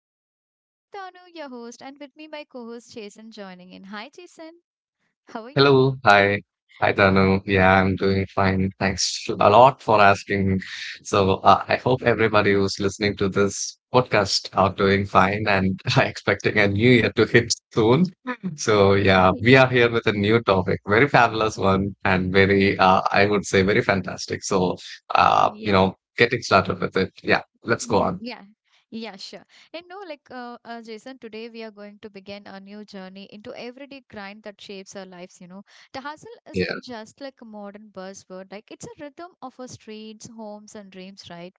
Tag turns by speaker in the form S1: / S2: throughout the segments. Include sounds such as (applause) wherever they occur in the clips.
S1: Hustle Culture. I'm Tanu, your host, and with me my co-host Jason joining in. Hi Jason, how are you?
S2: Hello, hi, hi Tanu. Yeah, I'm doing fine. Thanks a lot for asking. So I hope everybody who's listening to this podcast are doing fine and (laughs) are expecting a new year to hit soon. So yeah,
S1: Y-
S2: we are here with a new topic, very fabulous one, and
S1: y-
S2: very I would say very fantastic. So uh, you
S1: Yeah,
S2: know, getting started with it. Yeah, let's go on.
S1: yeah, yeah, sure. And no, like Jason, today we are going to begin a new journey into everyday grind that shapes our lives. You know, the hustle isn't just like a modern buzzword; like it's a rhythm of our streets, homes, and dreams, right?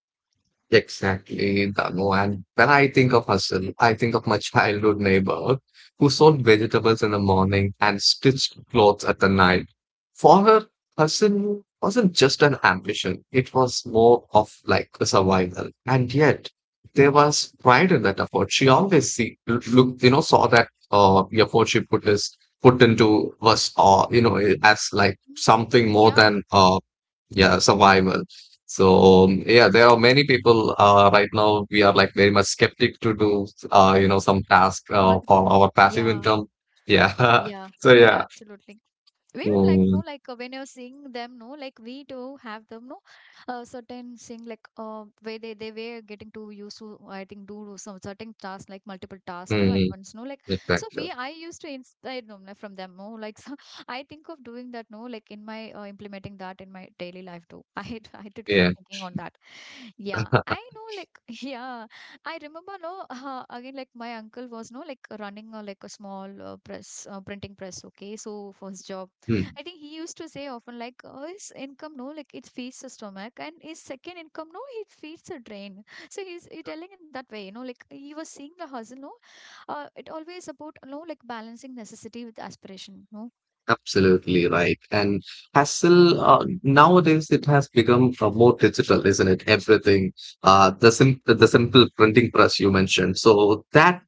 S2: Exactly that one. When I think of hustle, I think of my (laughs) childhood neighbor who sold vegetables in the morning and stitched clothes at the night. For her, hustle wasn't just an ambition, it was more of like a survival. And yet, there was pride in that effort. She always see look, saw that the effort she put is put into was as like
S1: Mm.
S2: something more
S1: Yeah,
S2: than yeah, survival. So yeah, there are many people right now. We are like very much skeptic to do some task
S1: multiple.
S2: for our passive
S1: Yeah,
S2: income. Yeah. (laughs)
S1: yeah,
S2: So yeah.
S1: absolutely. We would like know
S2: Mm,
S1: like when you're seeing them no like we do have them no certain thing like where they were getting too used to. I think do some certain tasks like multiple tasks no at
S2: mm,
S1: once no like so we
S2: exactly.
S1: I used to inspire them like, from them no like so (laughs) I think of doing that no like in my implementing that in my daily life too. (laughs) I had to
S2: Yeah.
S1: thinking on that. Yeah, I know, like, (laughs) yeah, I remember, no, again, like, my uncle was, no, like, running like a small printing press, okay, so for his job,
S2: Hmm.
S1: I think he used to say often, like, his income, no, like, it feeds the stomach, and his second income, no, it feeds the drain. So he telling in that way, you know, like, he was seeing the hustle, no, it always about, no, like, balancing necessity with aspiration, no.
S2: Absolutely right. And hassle nowadays it has become more digital, isn't it? Everything, the simple printing press you mentioned. So that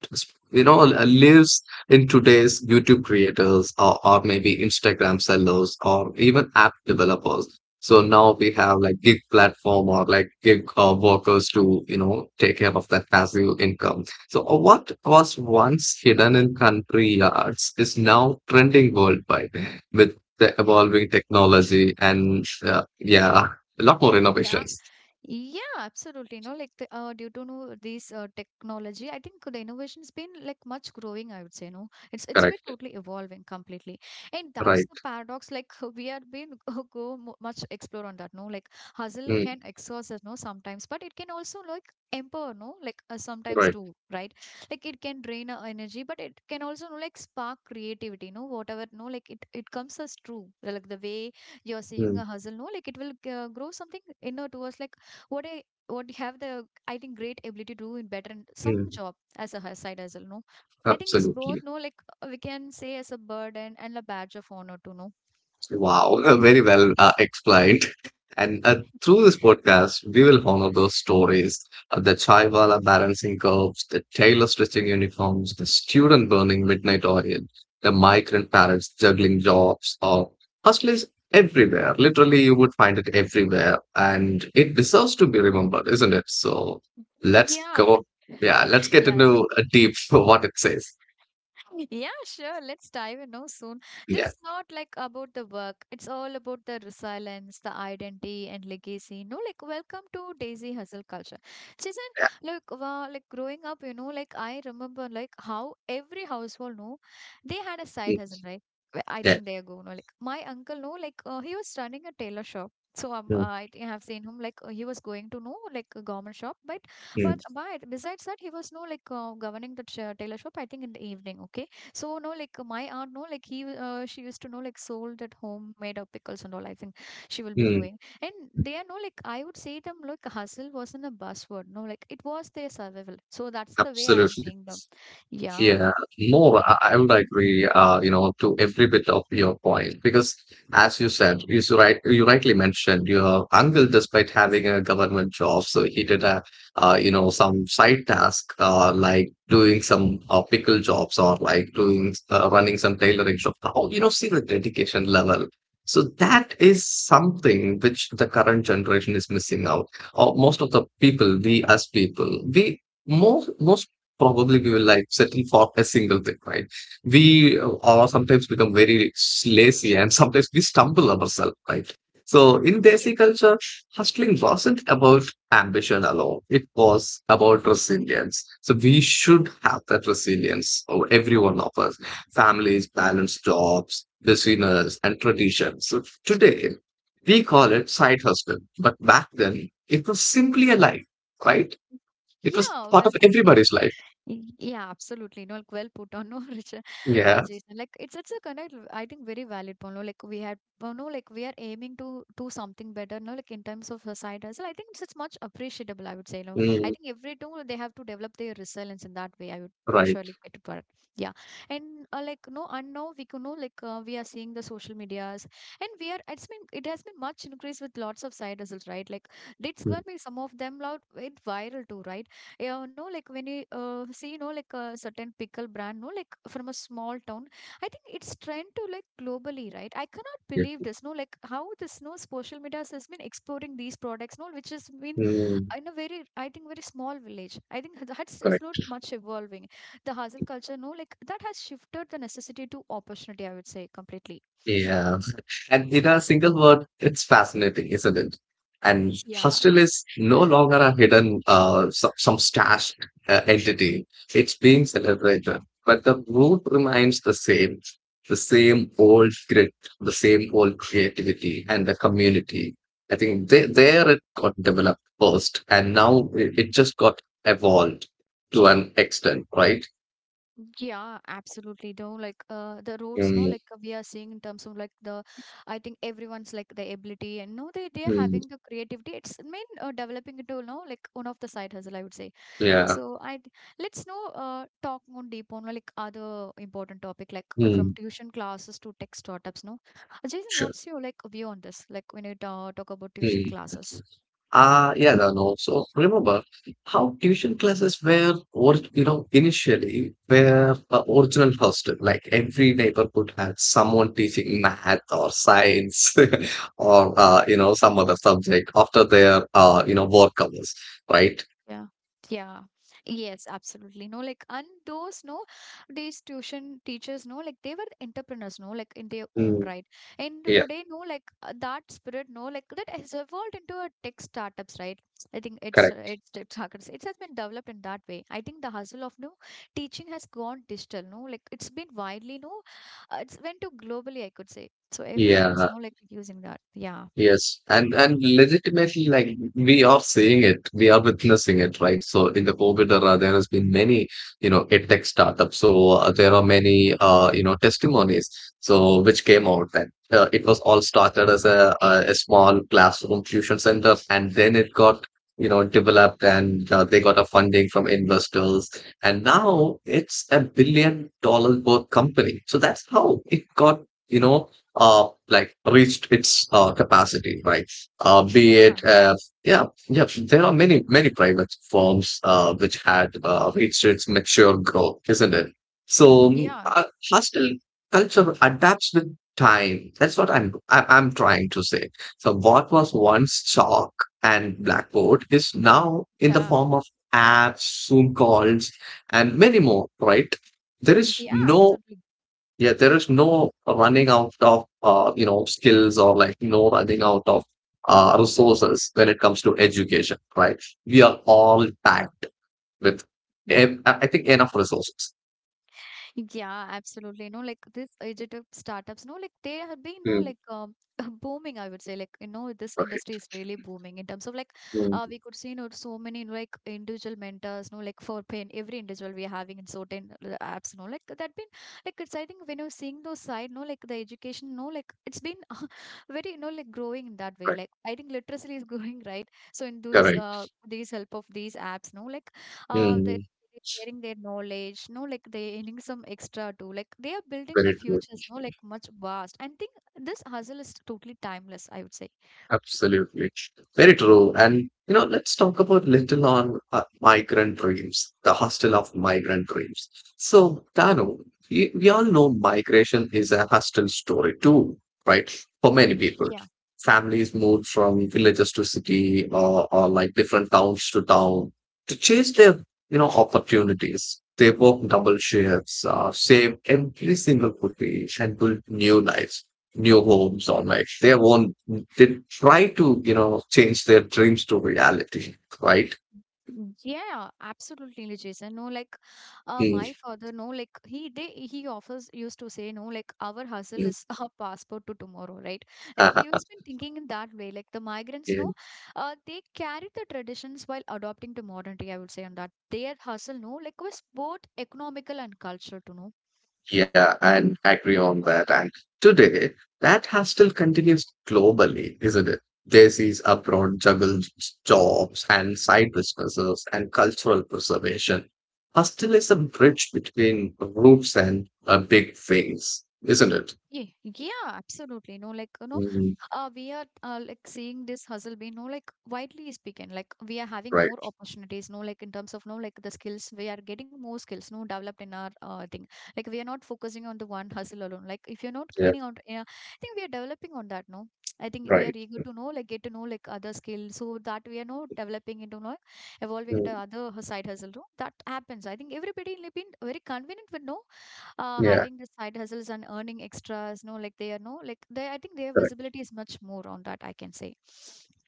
S2: lives in today's YouTube creators, or maybe Instagram sellers or even app developers. So now we have like gig platform or like gig workers to you know take care of that passive income. So, what was once hidden in country yards is now trending worldwide with the evolving technology
S1: Yeah.
S2: and, yeah, a lot more
S1: Yeah.
S2: innovations.
S1: Yeah, absolutely. No, like the, due to no these technology, I think the innovation's been like much growing. I would say no, it's been
S2: Correct.
S1: totally evolving completely, and that's
S2: Right.
S1: the paradox. Like (laughs) we are been (laughs) much explore on that. No, like hustle
S2: Mm,
S1: can exhaust us. No, sometimes, but it can also like empower. No, like sometimes
S2: right.
S1: too, right? Like it can drain our energy, but it can also no like spark creativity. No, whatever. No, like it comes as true. Like the way you're seeing
S2: Mm,
S1: a hustle. No, like it will grow something inner towards like what I what have the I think great ability to do in better in some
S2: mm,
S1: job as a side hustle. No, I think it's both.
S2: absolutely.
S1: No, like we can say as a burden and a badge of honor to know.
S2: Wow, (laughs) very well explained. And through this podcast, we will honor those stories the chaiwala balancing curves, the tailor stitching uniforms, the student burning midnight oil, the migrant parents juggling jobs, or hustlers everywhere. Literally, you would find it everywhere. And it deserves to be remembered, isn't it? So let's
S1: Yeah,
S2: go.
S1: (laughs)
S2: Yeah, let's get
S1: yeah,
S2: into a deep (laughs) what it says.
S1: yeah, sure. Let's dive in now soon. This
S2: Yeah,
S1: is not like about the work. It's all about the resilience, the identity and legacy. No, like welcome to Daisy Hustle culture. Jason,
S2: yeah,
S1: look, wow, like growing up, you know, like I remember like how every household know they had a side
S2: mm,
S1: hustle, right? I
S2: yeah.
S1: think they go, no, like my uncle, no, like he was running a tailor shop. So
S2: Mm,
S1: I think I have seen him like he was going to know like a garment shop by
S2: mm,
S1: but besides that, he was no like governing the tailor shop. I think in the evening, okay. So no like my aunt, no like he she used to know like sold that homemade pickles and all. I think she will be
S2: mm,
S1: doing, and they are no like I would say them like hustle wasn't a buzzword. No, like it was their survival. So that's the way I'm
S2: absolutely.
S1: seeing them. Yeah.
S2: Yeah, I would agree, to every bit of your point because, as you said, right, you rightly mentioned your uncle, despite having a government job, so he did some side task, like doing some pickle jobs or like doing running some tailoring shop. How you know, see the dedication level. So that is something which the current generation is missing out. Or most of the people, we as people, we most probably we will like settle for a single thing, right? We are sometimes become very lazy and sometimes we stumble ourselves, right? So in
S1: Yeah.
S2: Desi culture, hustling wasn't about ambition alone. It was about resilience. So we should have that resilience, oh, every one of us, families,
S1: Yeah.
S2: balanced jobs, business, and traditions. So today, we call it side hustle. But back then, it was simply a life, right? It was
S1: Yeah.
S2: part
S1: Well
S2: of
S1: put.
S2: everybody's life.
S1: Yeah, absolutely. No, like, well put on, no, (laughs) Richard,
S2: Yeah.
S1: Jason. Like it's a kind of I think very valid point. No, like we had, no, like we are aiming to do something better. No, like in terms of society as well. I think it's much appreciable. I would say. No,
S2: Mm,
S1: I think every tool they have to develop their resilience in that way. I would
S2: right.
S1: surely get it correct. Yeah, and like no, and now we can know like we are seeing the social medias, and we are. It has been much increased with lots of side hustles, right? Like it's
S2: Mm,
S1: gonna be some of them out with viral too, right? Yeah, no, like when you see, you know, like a certain pickle brand, no, like from a small town, I think it's trend to like globally, right? I cannot
S2: yeah.
S1: believe this, no, like how this, no, social media has been exploring these products, no, which has been
S2: Mm,
S1: in a very, I think, very small village. I think (laughs) that's it's not
S2: correct.
S1: much evolving. The hustle culture, no, like that has shifted the necessity to opportunity, I would say, completely.
S2: Yeah. And in a single word, it's fascinating, isn't it? And
S1: Yeah,
S2: hostel is no longer a hidden, some stashed entity. It's being celebrated, but the root remains the same old grit, the same old creativity, and the community. There it got developed first, and now it just got evolved to an extent, right?
S1: yeah, absolutely. No, like the roads, no,
S2: Mm,
S1: like we are seeing in terms of like the, I think everyone's like the ability and no, they're
S2: mm.
S1: having the creativity. It's mean developing it to no, like one of the side hustle, I would say.
S2: Yeah.
S1: So I let's know talk more deep on like other important topic like from
S2: Hmm.
S1: tuition classes to tech startups. No, Jason,
S2: Sure.
S1: what's your like view on this? Like when you talk about tuition
S2: Hmm.
S1: classes.
S2: Yeah, no, no. So remember how tuition classes were, or you know, initially were a original hostel. Like every neighborhood had someone teaching math or science (laughs) or some other subject after their work hours, right?
S1: Yeah. Yeah. Yes, absolutely. No, like, and those, no, these tuition teachers, no, like, they were entrepreneurs, no, like, in their own
S2: Mm.
S1: right. And
S2: Yeah,
S1: today, no, like, that spirit, no, like, that has evolved into a tech startups, right? I think
S2: correct.
S1: it's, tech startups. It has been developed in that way. I think the hustle of, no, teaching has gone digital, no, like, it's been widely, no, it's went to globally, I could say. So everyone is,
S2: Yeah.
S1: no, like, using that. Yeah.
S2: Yes, and legitimately, like we are seeing it, we are witnessing it, right? So in the COVID era, there has been many, you know, edtech startups. So there are many, testimonies. So which came out then. It was all started as a small classroom tuition center, and then it got developed, and they got a funding from investors, and now it's a $1 billion worth company. So that's how it got. You know, reached its capacity, right? Be
S1: Yeah.
S2: it yeah, yeah, there are many, many private firms which had reached its mature growth, isn't it? So mm,
S1: Yeah.
S2: uh, hostel culture adapts with time. That's what I'm trying to say. So what was once chalk and blackboard is now in the
S1: Yeah.
S2: form of apps, Zoom calls, and many more, right? There is
S1: Yeah,
S2: no
S1: absolutely.
S2: yeah, there is no running out of skills or like no running out of resources when it comes to education, right? We are all packed with, I think, enough resources.
S1: Yeah, absolutely. No, like this digital startups, no, like they have been, no,
S2: Mm,
S1: like (laughs) booming, I would say. Like, you know, this
S2: right.
S1: industry is really booming in terms of like,
S2: Mm,
S1: we could see, you know, so many like individual mentors, no, like for pain, every individual we are having in certain apps, no, like that been like it's, I think when you're seeing those side, no, like the education, no, like it's been (laughs) very, you know, like growing in that way.
S2: right.
S1: Like, I think literacy is (laughs) growing, right? So in those,
S2: Correct.
S1: these help of these apps, no, like, uh, the
S2: Mm.
S1: they are sharing their knowledge no like they earning some extra too like they are building the
S2: Very true.
S1: futures no like much vast and think this hustle is totally timeless I would say.
S2: Absolutely. Very true. And, you know, let's talk about Little on Migrant Dreams, the Hostel of Migrant Dreams. So, Dano, we all know migration is a hostel story too, right? For many people,
S1: Yeah,
S2: families moved from villages to city, or like different towns to town to chase their, you know, opportunities. They work double shifts, save every single rupee and build new lives, new homes, or like their own, they try to you know change their dreams to reality, right.
S1: mm, yeah absolutely Jason no like
S2: Mm.
S1: my father no like he offers used to say no like our hustle
S2: Mm.
S1: is (laughs) our passport to tomorrow right like he has
S2: (laughs)
S1: been thinking in that way like the migrants no
S2: And
S1: they carry the traditions while adopting to modernity I would say on that their hustle no like was both economical and cultural to know.
S2: yeah and agree on that and today that has still continues globally isn't it. Daisy's abroad juggle jobs and side businesses and cultural preservation, hostel is a bridge between roots and big things, isn't it?
S1: Yeah, absolutely. No, like, you know,
S2: Mm,
S1: we are like seeing this hustle being, no, like, widely speaking, like, we are having
S2: right,
S1: more opportunities, no, like, in terms of, no, like, the skills, we are getting more skills, no, developed in our thing. Like, we are not focusing on the one hustle alone. Like, if you're not
S2: yeah,
S1: gaining out, yeah, I think we are developing on that, no. I think we are
S2: right.
S1: eager to know, like, get to know, like, other skills, so that we are, no, developing into, no, evolving
S2: Mm,
S1: into other side hustle, no. That happens. I think everybody will be very convenient with, no,
S2: yeah.
S1: having the side hustles and earning extras no like they are no like they I think their visibility is much more on that I can say.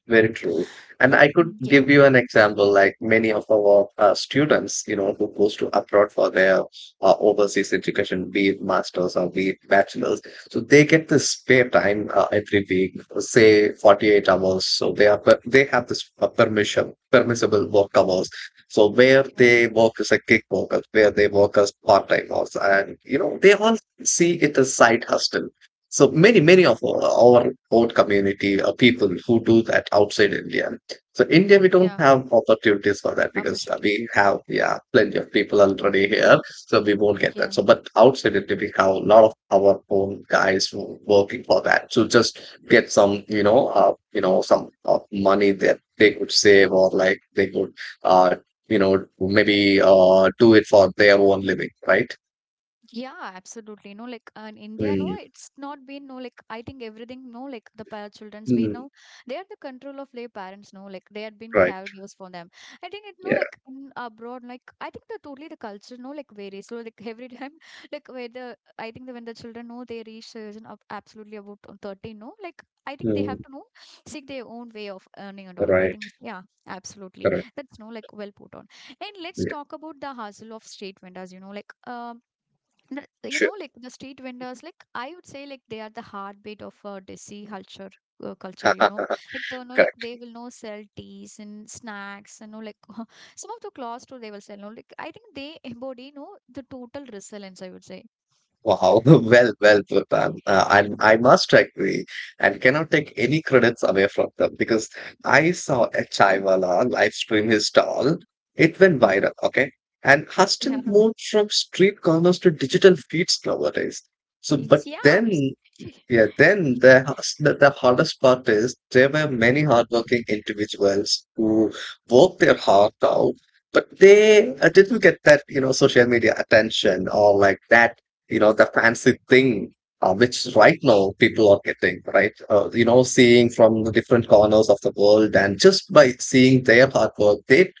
S2: Very true. And I could
S1: Yeah,
S2: give you an example, like many of our students, you know, who goes to abroad for their overseas education, be it masters or be it bachelors. So they get this spare time every week, say 48 hours. So they have this uh, permissible work hours. So where
S1: okay,
S2: they work as a kick worker, where they work as part-time hours. And, you know, they all see it as side hustle. So many, many of our own community or people who do that outside India. So India, we don't
S1: yeah,
S2: have opportunities for that because
S1: opportunity,
S2: we have, yeah, plenty of people already here. So we won't get that.
S1: yeah,
S2: So, but outside India, we have a lot of our own guys who are working for that to just get some, you know, some money that they could save or like they could, uh, you know, maybe uh, do it for their own living, right?
S1: yeah, absolutely. No, like in India, no,
S2: Mm,
S1: it's not been no, like I think everything, no, like the children's been
S2: mm,
S1: no, they are the control of their parents, no, like they had been
S2: right.
S1: caregivers for them. I think it, no,
S2: Yeah.
S1: like in abroad, like I think the totally the culture, no, like varies. So like every time, (laughs) like where the I think the when the children know they reach is absolutely about 13, no, like I think they have
S2: Mm,
S1: to know seek their own way of earning and all. I
S2: right.
S1: think yeah, absolutely.
S2: Correct.
S1: That's no, like well put on. And let's
S2: Yeah,
S1: talk about the hustle of street vendors, you know, like you know
S2: sure.
S1: like the street vendors like I would say like they are the heartbeat of desi culture culture
S2: Uh,
S1: you
S2: uh,
S1: know like
S2: correct.
S1: they will know sell teas and snacks and know like (laughs) some of the clothes too they will sell no like I think they embody you know the total resilience I would say.
S2: Wow. (laughs) Well, well put. And I must agree and cannot take any credits away from them because I saw a Chaiwala live stream his stall. It went viral, okay? And
S1: Yeah,
S2: Huston moved from street corners to digital feeds nowadays. So,
S1: it's
S2: but
S1: yeah
S2: then
S1: (laughs)
S2: Yeah, then the hardest part is there were many hardworking individuals who worked their heart out, but they didn't get that, you know, social media attention or like that, you know, the fancy thing, which right now people are getting, right? Seeing from the different corners of the world and just by seeing their hard work, they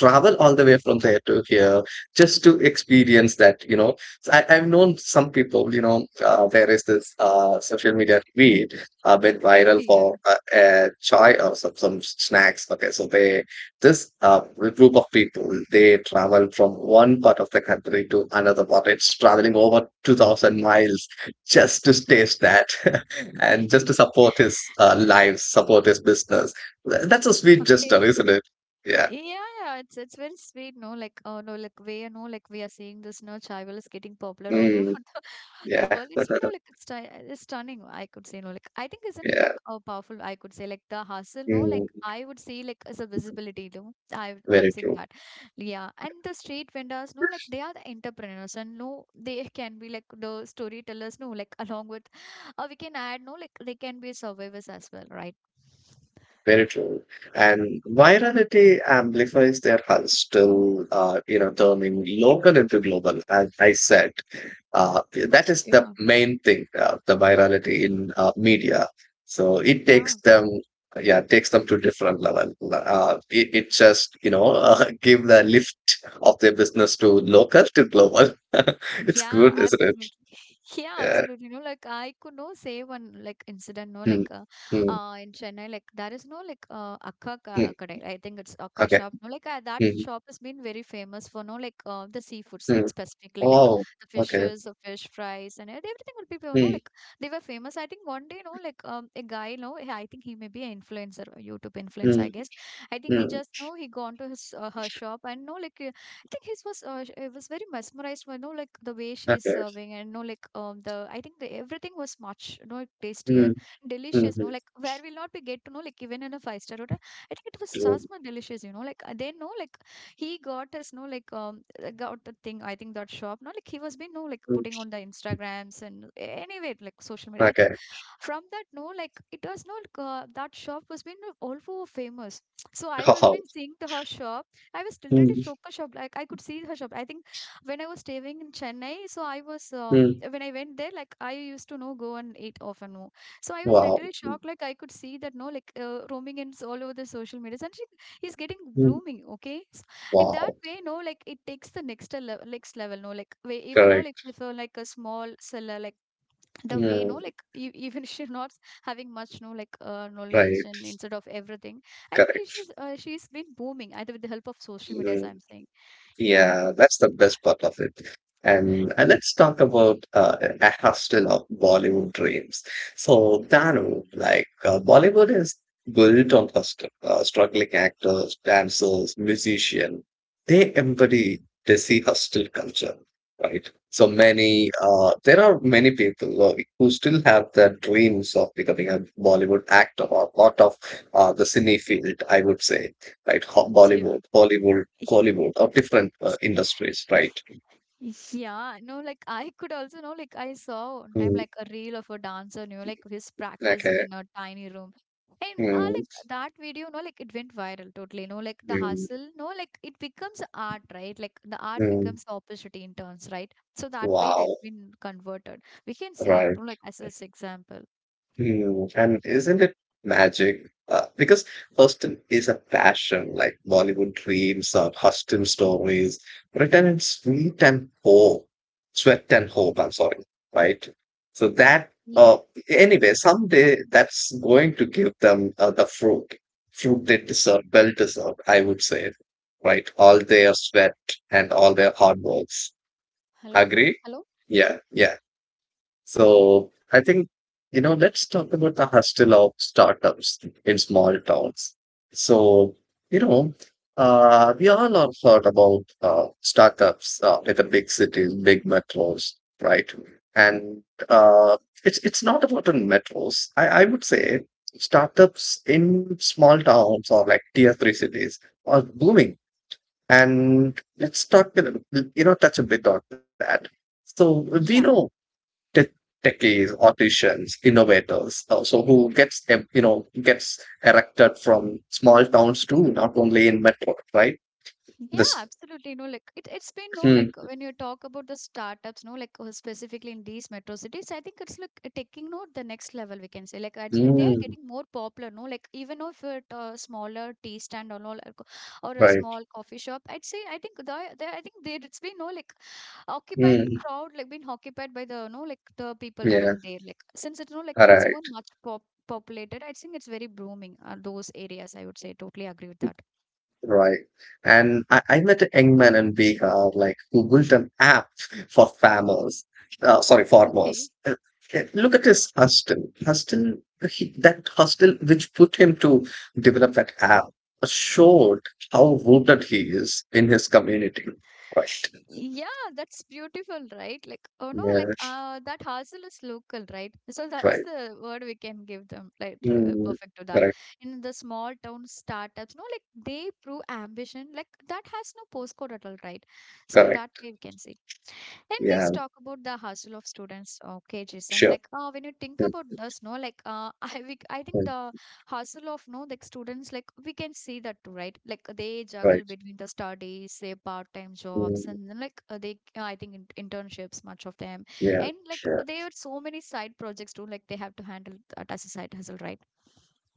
S2: travel all the way from there to here just to experience that, you know, so, I've known some people, you know, there is this social media feed been viral
S1: yeah
S2: for a chai or some snacks. Okay, so they, this group of people, they travel from one part of the country to another part. It's traveling over 2,000 miles just to
S1: yeah
S2: taste that (laughs) and just
S1: (laughs)
S2: to support his lives, support his business. That's a sweet gesture,
S1: okay.
S2: isn't it? Yeah.
S1: Yeah, yeah, it's very sweet, no? Like, oh no, like we you know, like we are seeing this, no, chai is getting popular all over
S2: Mm,
S1: (laughs) the
S2: yeah.
S1: world. Has
S2: (laughs)
S1: been no like it's, it's stunning. I could say, no, like I think isn't it,
S2: Yeah.
S1: like a powerful. I could say like the hustle, no, like
S2: Mm,
S1: I would say like as a visibility, no. I'm
S2: very
S1: saying
S2: true.
S1: that, yeah. And the street vendors, no, like they are the entrepreneurs, and no, they can be like the storytellers, no, like along with, or we can add, no, like they can be survivors as well, right?
S2: Very true. And virality amplifies their hustle, till, turning local into global, as I said. Uh, that is the
S1: Yeah.
S2: main thing, the virality in media. So it takes
S1: Yeah.
S2: them, yeah, it takes them to different level. It just, you know, (laughs) give the lift of their business to local to global. (laughs) It's
S1: Yeah,
S2: good, isn't it?
S1: absolutely. (laughs) Yeah,
S2: Yeah.
S1: absolutely. No, like I could no say one like incident. No,
S2: Mm,
S1: like
S2: mm,
S1: in Chennai, like there is no like Akka
S2: mm.
S1: kadai. I think it's Akka
S2: Okay.
S1: shop. No, like that
S2: Mm,
S1: shop has been very famous for no like the seafoods
S2: mm.
S1: specifically, like
S2: Oh,
S1: the
S2: okay.
S1: fishes, the fish fries, and everything will be you know
S2: Mm,
S1: like they were famous. I think one day, no, like a guy, no, I think he may be an influencer, a YouTube influencer,
S2: mm,
S1: I guess. I think he
S2: mm.
S1: just no, he gone to his her shop and no, like think his was it was very mesmerized by, you know, like the way she is
S2: Okay.
S1: serving, and no, like the I think the everything was much you know tastier,
S2: Mm, mhm,
S1: delicious. No, like where we'll not be get to know like even in a five-star hotel. I think it was
S2: true.
S1: just more delicious. You know, like they know like he got us no like got the thing. I think that shop. No, like he was been no like
S2: Mm,
S1: putting on the
S2: mm.
S1: Instagrams and anyway like social media. I think
S2: Okay.
S1: from that no like it was not that shop was been also famous so I
S2: (laughs)
S1: was
S2: Wow.
S1: been seeing to her shop. I was literally
S2: Mm,
S1: shocked, shocked. Like I could see her shop. I think when I was staying in Chennai, so I was
S2: mm,
S1: when I went there, like I used to know go and eat often more. So I was
S2: wow.
S1: literally shocked. Like I could see that no, like roaming in all over the social media, and she is getting
S2: Mm,
S1: blooming. Okay, so in that
S2: wow.
S1: way, no, like it takes the next level, next level. No, like we, even no, like
S2: Correct.
S1: if like a small seller, like the way no
S2: Mm,
S1: like even (laughs) she's not having much no like knowledge
S2: right.
S1: and instead of everything I think
S2: Correct.
S1: she's been booming either with the help of social media as
S2: Mm.
S1: I'm saying, yeah.
S2: Yeah, that's the best part of it. And let's talk about a hustle of Bollywood dreams. So Danu, Bollywood is built on hustle, struggling actors, dancers, musicians. They embody desi hustle culture, right? So many there are many people who still have their dreams of becoming a Bollywood actor or part of the cine field, I would say, right?
S1: (laughs) Yeah.
S2: Bollywood, Hollywood, Hollywood, of different industries,
S1: (laughs)
S2: right?
S1: Yeah, no, like I could also know, like I saw one time
S2: Mm,
S1: like a reel of a dancer, you know, like he's practicing
S2: okay.
S1: in a tiny room. And
S2: Mm,
S1: like that video, no, like it went viral totally. No, like the
S2: mm,
S1: hustle, no, like it becomes art, right? Like the art
S2: mm.
S1: becomes opportunity in turns, right? So that way it's
S2: Wow,
S1: been converted. We can see,
S2: right.
S1: no, like as this example.
S2: Hmm, and isn't it magic? Because Huston is a passion, like Bollywood dreams or Huston stories, written in sweat and hope, I'm sorry, right? So that, uh,
S1: Ye-
S2: anyway, someday that's going to give them the fruit they deserve, well deserved, I would say, right? All their sweat and all their hard works. Agree? Yeah, yeah. So I think, let's talk about the hustle of startups in small towns. So, you know, we all are thought about startups in the big cities, big metros, right? And uh, it's not about in metros. I would say startups in small towns or like tier three cities are booming. And let's you know, touch a bit on that. So we know
S1: Yeah.
S2: tech- techies, artisans, innovators, so who you know, gets erected from small towns too, not only in metro, right?
S1: Yeah,
S2: This,
S1: absolutely. No, like it, it's been no
S2: mm,
S1: like when you talk about the startups, no, like specifically in these metro cities, I think it's like taking no the next level. We can say like it's, they are
S2: mm,
S1: getting more popular. No, like even if it smaller tea stand or all or or a
S2: right?
S1: small coffee shop, I'd say I think the I think there it's been no like occupied
S2: Mm,
S1: crowd like been occupied by the no like the people
S2: yeah,
S1: around there. Like since it's no like
S2: all
S1: it's
S2: right.
S1: more much populated, I think it's very booming those areas. I would say totally agree with that.
S2: Right. And I met a young man in Bihar, like who built an app for farmers. Uh, sorry,
S1: Okay.
S2: farmers. Uh, Look at his hostel. Hostel, he, that hostel which put him to develop that app showed how rooted he is in his community. Right.
S1: Yeah, that's beautiful, right? Like, oh no,
S2: Yeah.
S1: like that hustle is local, right? So that's
S2: Right.
S1: the word we can give them, like
S2: Mm,
S1: perfect to that.
S2: correct.
S1: In the small town startups, no, like they prove ambition, like that has no postcode at all, right? So that
S2: Correct.
S1: way we can say. And let's
S2: Yeah.
S1: talk about the hustle of students, okay, Jason.
S2: Sure.
S1: Like, when you think about
S2: Mm,
S1: this, no, like, (laughs) I think the
S2: mm,
S1: hustle of, no, like students, like, we can see that too, right? Like, they
S2: right.
S1: juggle between the studies, their part-time jobs,
S2: Mm,
S1: and then, like, I think, internships, much of them,
S2: yeah.
S1: and like,
S2: Sure.
S1: there are so many side projects too. Like, they have to handle that as a side hustle, right?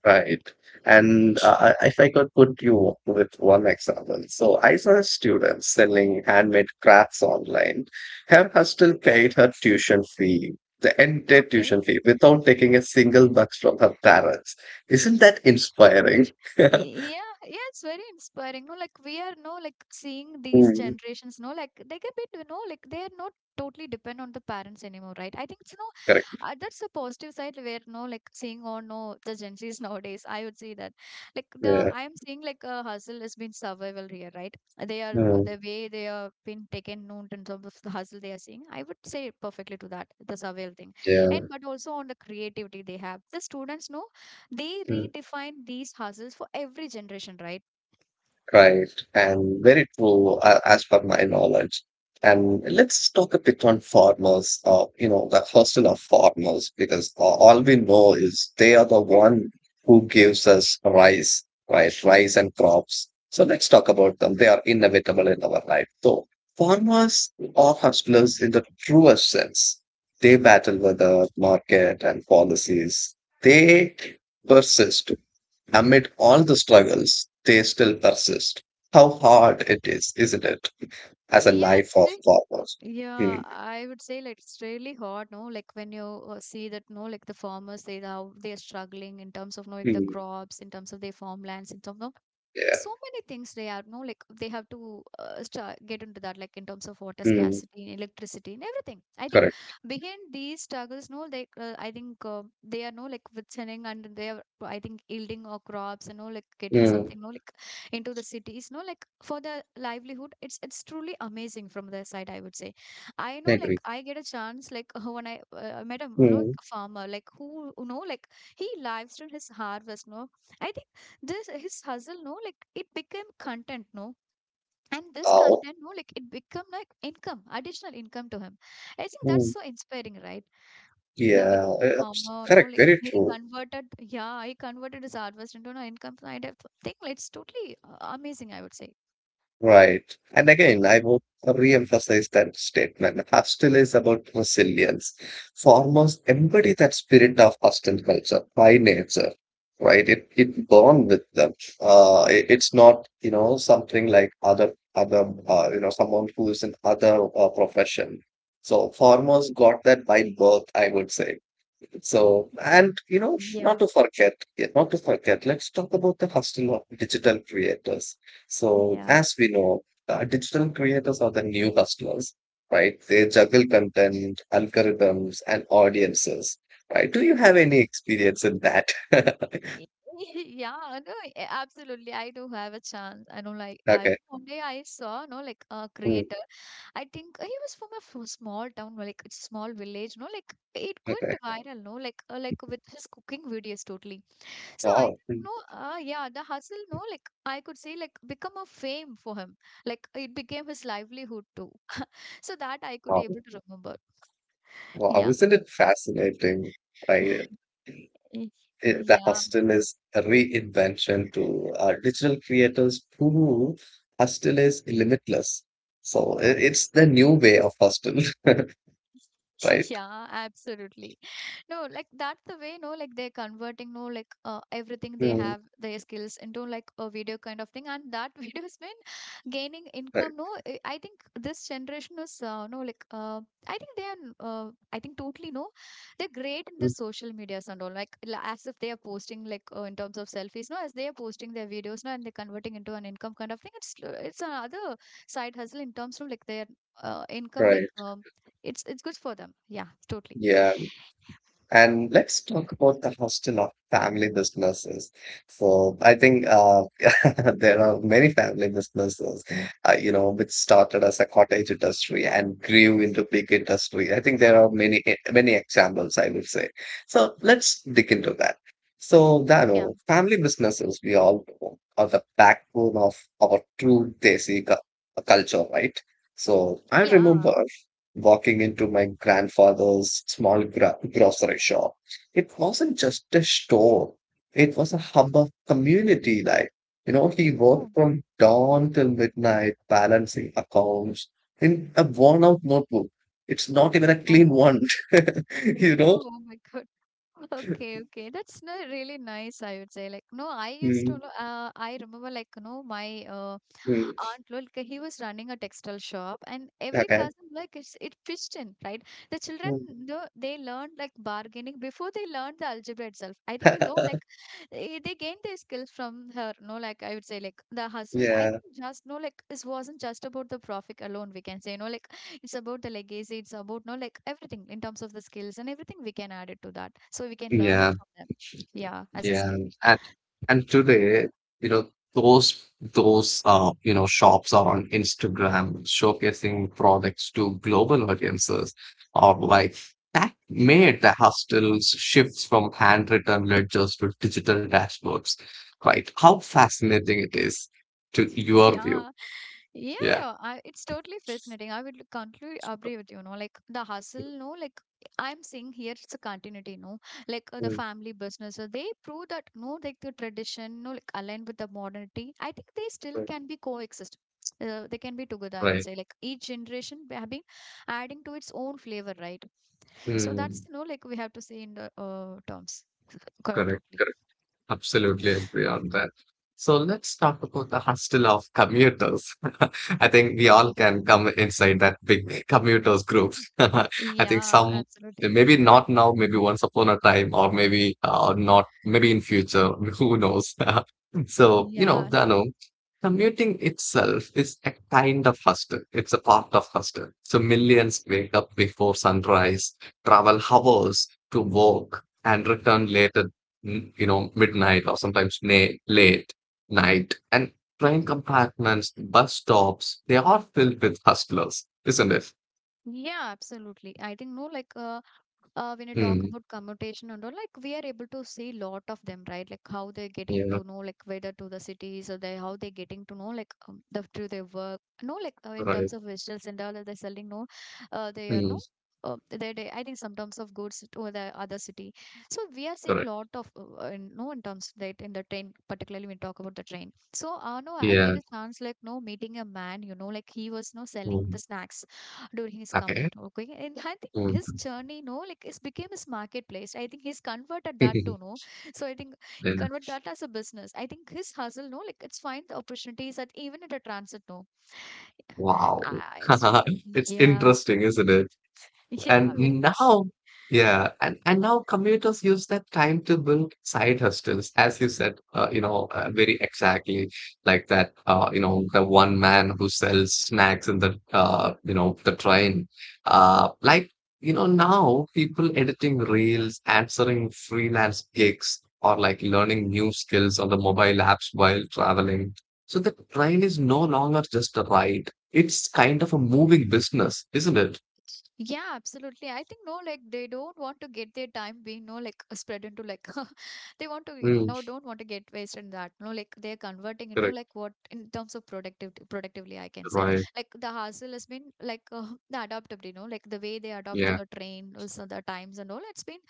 S2: Right. And if I could put you with one example, so I saw a student selling handmade crafts online. Her husband paid her tuition fee, the
S1: (laughs)
S2: entire
S1: Okay.
S2: tuition fee, without taking a single bucks from her parents. Isn't that inspiring? (laughs)
S1: Yeah, yeah, it's very inspiring. No, like we are no like seeing these
S2: Mm,
S1: generations. No, like they get bit. You know, like they are not totally depend on the parents anymore, right? I think it's no.
S2: correct.
S1: That's a positive side where no like seeing or no the Gen Zs (laughs) nowadays. I would say that like the
S2: Yeah.
S1: I am seeing like a hustle has been survival here, right? They are
S2: Mm,
S1: the way they are been taken known in terms of the hustle they are seeing. I would say perfectly to that the survival thing, and
S2: yeah.
S1: but also on the creativity they have. The students know they
S2: Hmm.
S1: redefine these hustles for every generation, right?
S2: Right, and very true as per my knowledge. And let's talk a bit on farmers, you know, the hustle of farmers, because all we know is they are the one who gives us rice, right? Rice and crops. So let's talk about them. They are inevitable in our life. So farmers are hustlers in the truest sense. They battle weather, market, and policies. They persist. Amid all the struggles, they still persist. How hard it is, isn't it? As a
S1: Yeah,
S2: life
S1: it's
S2: of
S1: like,
S2: farmers.
S1: yeah,
S2: Mm,
S1: I would say like it's really hard, no? Like when you see that, no, like the farmers, they how they are struggling in terms of, no, like the
S2: mm,
S1: crops, in terms of their farmlands, in terms of
S2: yeah.
S1: so many things they are no like they have to get into that like in terms of water
S2: Mm,
S1: scarcity, electricity and everything. I think
S2: correct.
S1: behind these struggles no like I think they are no like withstanding and they are I think yielding or crops, you know, like getting
S2: Mm,
S1: something no like into the cities no like for the livelihood. It's truly amazing from their side, I would say. I
S2: I
S1: know
S2: agree.
S1: like I get a chance like (laughs) when I met a you know,
S2: Mm,
S1: farmer like who you know like he lives to his harvest, no. I think this his hustle no like it became content, no. And this
S2: oh,
S1: content no like it become like income, additional income to him. I think that's
S2: mm,
S1: so inspiring, right? The way
S2: yeah. It's
S1: farmer no
S2: correct.
S1: like
S2: Very
S1: he
S2: true.
S1: converted, yeah he converted his harvest into an income kind of thing. It's totally amazing, I would say.
S2: Right. And again, I will re-emphasize that statement. Hostel is about resilience. Farmers embody that spirit of hostel culture by nature, right? It born with them. It's not, you know, something like other you know, someone who is in other profession. So farmers got that by birth, I would say. So, and you know, not
S1: Yeah,
S2: to forget, yeah, not to forget, let's talk about the hustle of digital creators. So,
S1: yeah.
S2: as we know, digital creators are the new hustlers, right? They juggle content, algorithms, and audiences, right? Do you have any experience in that? (laughs)
S1: (laughs) Yeah, no, absolutely. I do have a chance. I know, like, I
S2: Okay.
S1: one day I saw, no, like, a
S2: Mm,
S1: creator. I think he was from a small town, like it's small village, no? Like it
S2: okay.
S1: went viral, no? Like with his cooking videos, totally. So I
S2: Wow. Mm,
S1: don't know. Yeah, the hustle, no? Like I could say, like become a fame for him. Like it became his livelihood too. (laughs) So that I could
S2: wow.
S1: able to remember.
S2: Wow.
S1: Yeah.
S2: Isn't it fascinating? Right.
S1: (laughs) Eh,
S2: The
S1: yeah,
S2: hostel
S1: absolutely.
S2: is a reinvention to digital creators who hostel is limitless. So i- it's the new way of hostel, (laughs)
S1: (laughs)
S2: right?
S1: Yeah, absolutely. No, like that's the way, no, like they're converting, no, like everything they
S2: Mm,
S1: have, their skills into like a video kind of thing. And that (laughs) video's been gaining
S2: right,
S1: income, no. I think this generation is, no, like, I think they are, I think totally, no, they're great in the
S2: mm,
S1: social medias and all, like, as if they are posting, like, in terms of selfies, no, as they are posting their videos, no, and they're converting into an income kind of thing. It's another side hustle in terms of like their income, like,
S2: right.
S1: it's good for them. Yeah, totally.
S2: Yeah. And let's talk about the hostel of family businesses. So I think (laughs) there are many family businesses, you know, which started as a cottage industry and grew into big industry. I think there are many many examples, I would say. So let's dig into that. So,
S1: Yeah.
S2: Dano, family businesses, we all know, are the backbone of our true culture, right? So I
S1: Yeah.
S2: remember walking into my grandfather's small grocery shop. It wasn't just a store, it was a hub of community life. You know, he
S1: Oh,
S2: worked from dawn till midnight, balancing accounts in a worn out notebook. It's not even a clean
S1: oh,
S2: one, (laughs)
S1: (laughs)
S2: you know?
S1: oh my God. (laughs) Okay, okay. That's not really nice, I would say. Like, no, I used to,
S2: Mm,
S1: I remember, like, you know, my
S2: mm,
S1: aunt, like, he was running a textile shop, and every
S2: okay.
S1: cousin, like, it's, it pitched in, right? The children, no, they learned, like, bargaining before they learned the algebra itself. I think, (laughs) you know,
S2: (laughs)
S1: like, they gained their skills from her, no, like, I would say, like, the hustle, I
S2: Yeah.
S1: think, just, no, like, this wasn't just about the profit alone, we can say, you know, like, it's about the legacy. It's about no like everything in terms of the skills and everything we can add it to that so we can learn it
S2: Yeah.
S1: from them, yeah, as a
S2: Yeah,
S1: skill.
S2: and and today, you know, those you know, shops are on Instagram showcasing products to global audiences, or like that made the hustles shifts from handwritten ledgers to digital dashboards, right? How fascinating it is to
S1: (laughs)
S2: your view.
S1: Yeah, yeah,
S2: Yeah.
S1: yeah. I, it's totally fascinating, I would conclude. Agree with you know like the hustle no like I'm seeing here it's a continuity no like the
S2: Mm,
S1: family business they prove that no like the tradition no like aligned with the modernity. I think they still
S2: right.
S1: can be coexist. They can be together I would
S2: Right.
S1: say like each generation they have been adding to its own flavor, right? So that's
S2: Mm,
S1: you know like we have to say in the terms
S2: correct.
S1: totally.
S2: Absolutely agree on that. So let's talk about the hustle of commuters. (laughs) I think we all
S1: (laughs)
S2: can come inside that big commuters group. (laughs) I think
S1: Yeah,
S2: some,
S1: absolutely.
S2: maybe not now, maybe once upon a time, or maybe not, maybe in future, (laughs) who knows. (laughs) So, you know,
S1: Yeah,
S2: Dano, commuting itself is a kind of hustle. It's a part of hustle. So millions wake up before sunrise, travel hours to work, and return later you know, midnight or sometimes late night. And train compartments, bus stops, they are filled with hustlers, isn't it?
S1: yeah, absolutely. I think no, like when you talk
S2: Mm,
S1: about commutation and all, like we are able to see lot of them, right? Like how they're getting
S2: yeah,
S1: into know, like whether to the cities or they how they're getting to know, like the through their work. No, like in
S2: right.
S1: terms of vegetables and all, they're selling no, they are
S2: Mm,
S1: no. They, I think sometimes of goods to the other city. So we are seeing
S2: correct.
S1: lot of in, no in terms that in the train, particularly when we talk about the train. So no, I get
S2: Yeah.
S1: a chance like no meeting a man, you know, like he was no selling the
S2: Mm,
S1: snacks during his
S2: okay.
S1: commute. Okay, and I think his
S2: Mm.
S1: journey, no, like it became his marketplace. I think he's converted that to
S2: (laughs)
S1: no. So I think he
S2: Yeah.
S1: converted that as a business. I think his hustle, no, like it's find the opportunities that even at a transit, no.
S2: Wow.
S1: Ah, it's
S2: (laughs) It's
S1: yeah,
S2: interesting, isn't it?
S1: (laughs) yeah,
S2: And
S1: very.
S2: now, yeah, and now commuters use that time to build side hustles, as you said, you know, very exactly like that, you know, the one man who sells snacks in the, you know, the train. Like, you know, now people editing reels, answering freelance gigs, or like learning new skills on the mobile apps while traveling. So the train is no longer just a ride. It's kind of a moving business, isn't it?
S1: Yeah, absolutely. I think no, like they don't want to get their time being no like spread into like (laughs) they want to get,
S2: Mm,
S1: no don't want to get wasted in that. No, like they're converting into
S2: correct.
S1: like what in terms of productively I can say
S2: Right.
S1: like the hustle has been like (laughs) the adaptability. No, like the way they adapt to
S2: Yeah.
S1: the train, also the times and all. It's been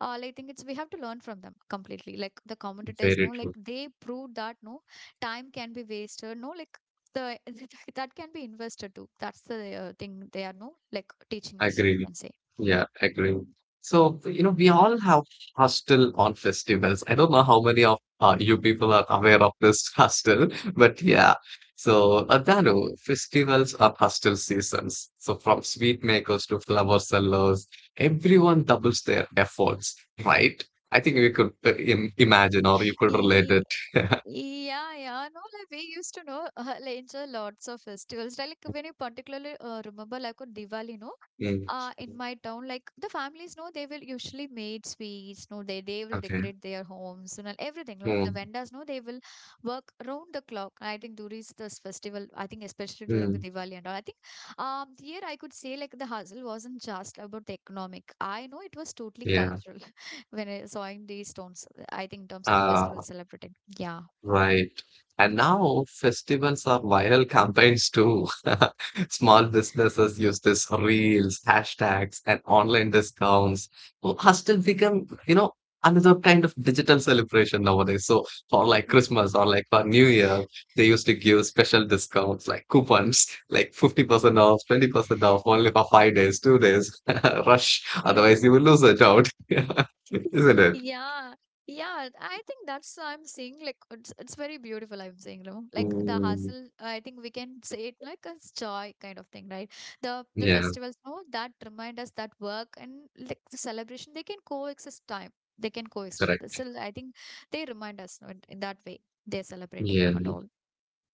S1: like, I think it's we have to learn from them completely. Like the competitors, no,
S2: Very
S1: like
S2: true.
S1: they proved that no time can be wasted, no, like the (laughs) that can be invested too. That's the thing they are no like teaching us. We
S2: Agree.
S1: can say.
S2: Yeah. Agree. So, you know, we all have hostel on festivals. I don't know how many of you people are aware of this (laughs) hostel, but yeah. So, Adano, festivals are hostel seasons. So, from sweet makers to flower sellers, everyone doubles their efforts, right? I think we could im imagine or you could relate
S1: Ye-
S2: it. (laughs)
S1: Yeah, yeah, no, like we used to know (laughs) like enjoy lots of festivals. Like when you particularly remember like on Diwali, no,
S2: Mm.
S1: in my town, like the families know they will usually made sweets, no, they will
S2: Okay.
S1: decorate their homes and everything. Like the
S2: Mm.
S1: vendors know they will work round the clock. I think during this festival, I think especially during the
S2: Mm.
S1: Diwali and all. I think here I could say like the hustle wasn't just about the economic. I know it was totally
S2: Yeah.
S1: cultural (laughs) when I saw in these stones. I think in terms of the festival
S2: Uh,
S1: celebrating. Yeah.
S2: right. And now festivals are viral campaigns too. (laughs) Small businesses use this reels, hashtags, and online discounts. So has still become, you know, another kind of digital celebration nowadays. So for like Christmas or like for New Year, they used to give special discounts like coupons, (laughs) like 50% off, 20% off, only for 5 days, 2 days. (laughs) Rush. Otherwise
S1: Okay.
S2: you will lose it out. (laughs) Isn't it?
S1: Yeah, yeah. I think that's I'm saying like it's very beautiful. I'm saying, you like the
S2: Mm,
S1: hustle. I think we can say it like it's joy kind of thing, right? The
S2: yeah,
S1: festivals, no, that remind us that work and like the celebration, they can coexist. Time they can coexist.
S2: correct.
S1: So I think they remind us no, in that way they're celebrating and
S2: Yeah.
S1: all.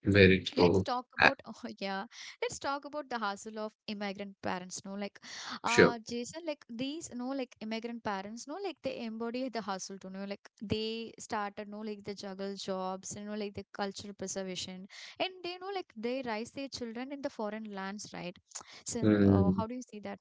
S2: Very
S1: Let's
S2: true.
S1: talk
S2: Ah,
S1: about (laughs) oh yeah let's talk about the hassle of immigrant parents no like
S2: sure.
S1: Jason like these no like immigrant parents no like they embody the hustle to know like they started no like the juggle jobs, you know, like the cultural preservation and they know like they raise their children in the foreign lands, right? (sniffs) (tsk) So
S2: Hmm.
S1: how do you see that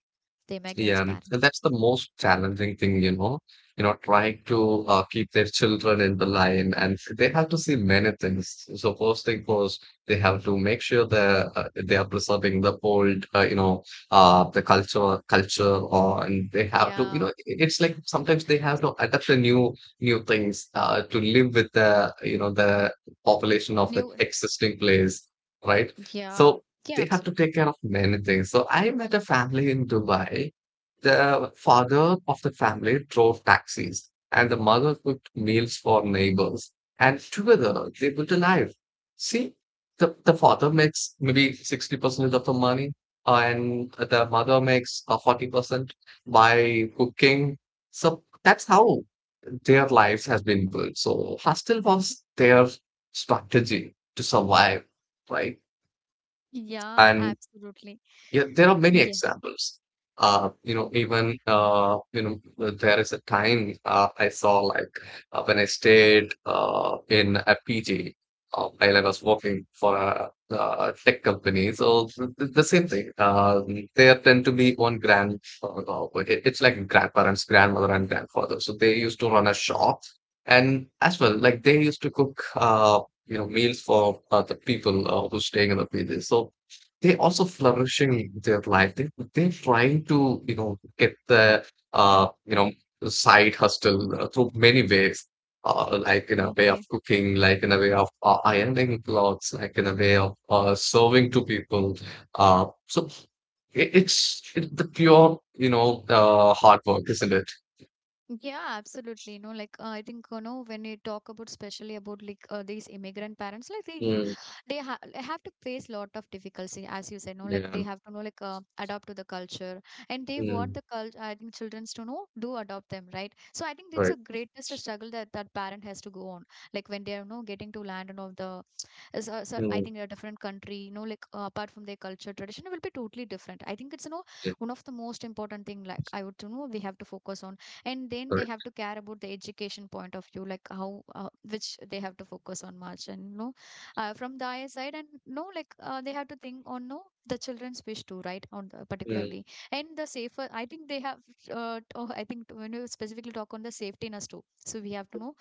S1: the immigrants
S2: Yeah, and
S1: parents?
S2: that's the most challenging thing, you know, trying to keep their children in the line, and they have to see many things. So first thing first, they have to make sure that they are preserving the you know, the culture, or and they have to,
S1: Yeah,
S2: you know, it's like sometimes they have to adapt to new things to live with the, you know, the population of the
S1: new,
S2: existing place, right?
S1: yeah,
S2: So.
S1: yeah,
S2: They have to
S1: absolutely,
S2: take care of many things. So I met a family in Dubai, the father of the family drove taxis, and the mother cooked meals for neighbors. And together they built a life. See, the father makes maybe 60% of the money, and the mother makes 40% by cooking. So that's how their lives has been built. So hostel was their strategy to survive, right?
S1: yeah,
S2: And
S1: absolutely,
S2: yeah, there are many
S1: yeah,
S2: examples. You know, even you know, there is a time I saw like when I stayed in a PG while I was working for a tech company. So the same thing. They tend to be on grand. It- it's like grandparents, grandmother, and grandfather. So they used to run a shop, and as well, like they used to cook. You know, meals for the people who's staying in the PG. So they also flourishing their life. They they're trying to you know get the you know side hustle through many ways, like in a way of
S1: okay.
S2: cooking, like in a way of ironing clothes, like in a way of serving to people. So it, it's it, the pure you know hard work, isn't it?
S1: Yeah, absolutely. You know, like I think you know when you talk about especially about like these immigrant parents, like they
S2: Mm,
S1: they ha- have to face lot of difficulty as you said no like they
S2: yeah.
S1: have to know like adapt to the culture and they
S2: Mm,
S1: want the culture, I think childrens to know do adopt them, right? So I think it's
S2: right.
S1: a greatest struggle that parent has to go on like when they are you know getting to land and all the is, so I
S2: Mm,
S1: think a different country, you know, like apart from their culture, tradition will be totally different. I think it's you know
S2: yeah,
S1: one of the most important thing. Like I would you know we have to focus on, and then they have
S2: right.
S1: to care about the education point of view, like how which they have to focus on much, and you know from the their side and no like they have to think on no the children's wish too, right? On the,
S2: Mm,
S1: particularly, and the safer I think they have I think when you specifically talk on the safetyness too, so we have to know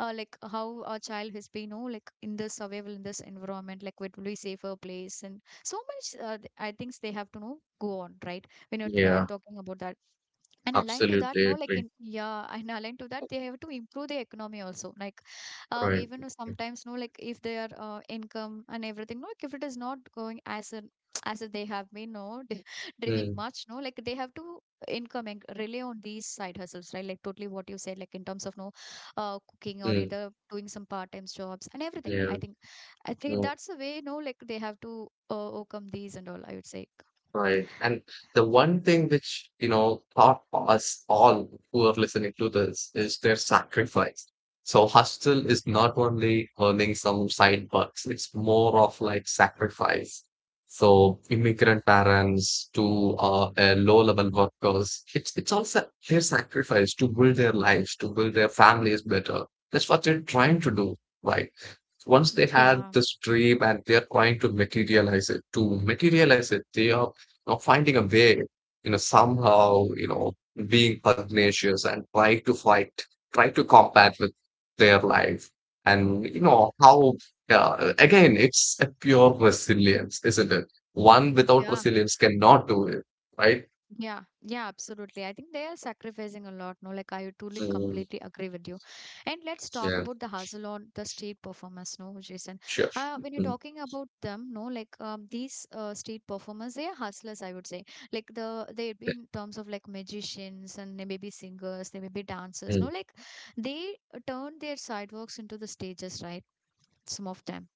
S1: like how our child has been oh like in this survival in this environment like what will be safer place and so much I think they have to know go on, right? When you're
S2: yeah.
S1: talking about that and aligned to that
S2: Absolutely
S1: no like
S2: agree.
S1: in yeah and aligned to that they have to improve the economy also like we
S2: Right.
S1: even know sometimes know like if their income and everything no like if it is not going as an (tsk) as if they have been no (laughs) dreaming
S2: Mm,
S1: much no like they have to income and rely on these side hustles, right? Like totally what you said like in terms of no cooking or
S2: mm,
S1: either doing some part-time jobs and everything.
S2: yeah.
S1: I think I think
S2: Mm.
S1: that's the way no like they have to overcome these and all I would say.
S2: Right. And the one thing which, you know, taught us all who are listening to this is their sacrifice. So hustle is not only earning some side bucks, it's more of like sacrifice. So immigrant parents to low-level workers, it's all sa their sacrifice to build their lives, to build their families better. That's what they're trying to do, right? Once they had
S1: Yeah.
S2: this dream and they're trying to materialize it, they are know, finding a way, you know, somehow, you know, being pugnacious and try to fight, try to combat with their life. And, you know, how, again, it's a pure resilience, isn't it? One without
S1: Yeah.
S2: resilience cannot do it, right?
S1: Yeah, yeah, absolutely. I think they are sacrificing a lot. No, like I truly
S2: Mm,
S1: completely agree with you. And let's talk
S2: yeah,
S1: about the hustle on the state performers. No, Jason.
S2: sure.
S1: When you're
S2: Mm,
S1: talking about them, no, like these state performers, they are hustlers. I would say, like the they be in terms of like magicians and they may be singers, they may be dancers.
S2: yeah.
S1: No, like they turn their sidewalks into the stages, right? Some of them.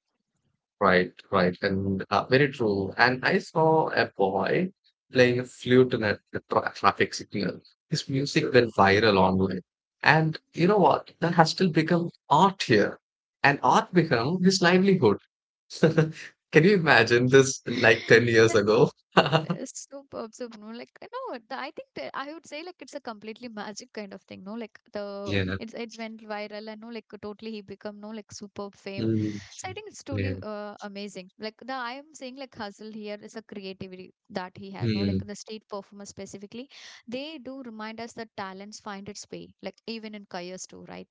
S2: Right, right, and very true. And I saw a boy playing a flute in a traffic signal. His music went viral online. And you know what? That has still become art here. And art become his livelihood. (laughs) Can you imagine this like 10 years
S1: (laughs)
S2: ago? (laughs)
S1: Superb, superb. No, like you know, the, I think that I would say like it's a completely magic kind of thing. No, like the
S2: Yeah.
S1: it's went viral and no, like totally he become no like superb fame.
S2: Mm,
S1: So I think it's totally
S2: yeah.
S1: amazing. Like the I am saying like hustle here is a creativity that he has. No, like
S2: Hmm.
S1: the state performer specifically, they do remind us that talents find its way. Like even in careers too, right?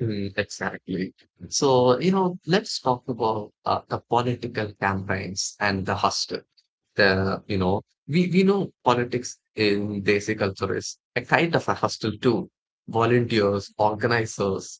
S2: Mm, exactly. So, let's talk about the political campaigns and the hustle. The, you know, we know politics in Desi culture is a kind of a hustle too. Volunteers, organizers,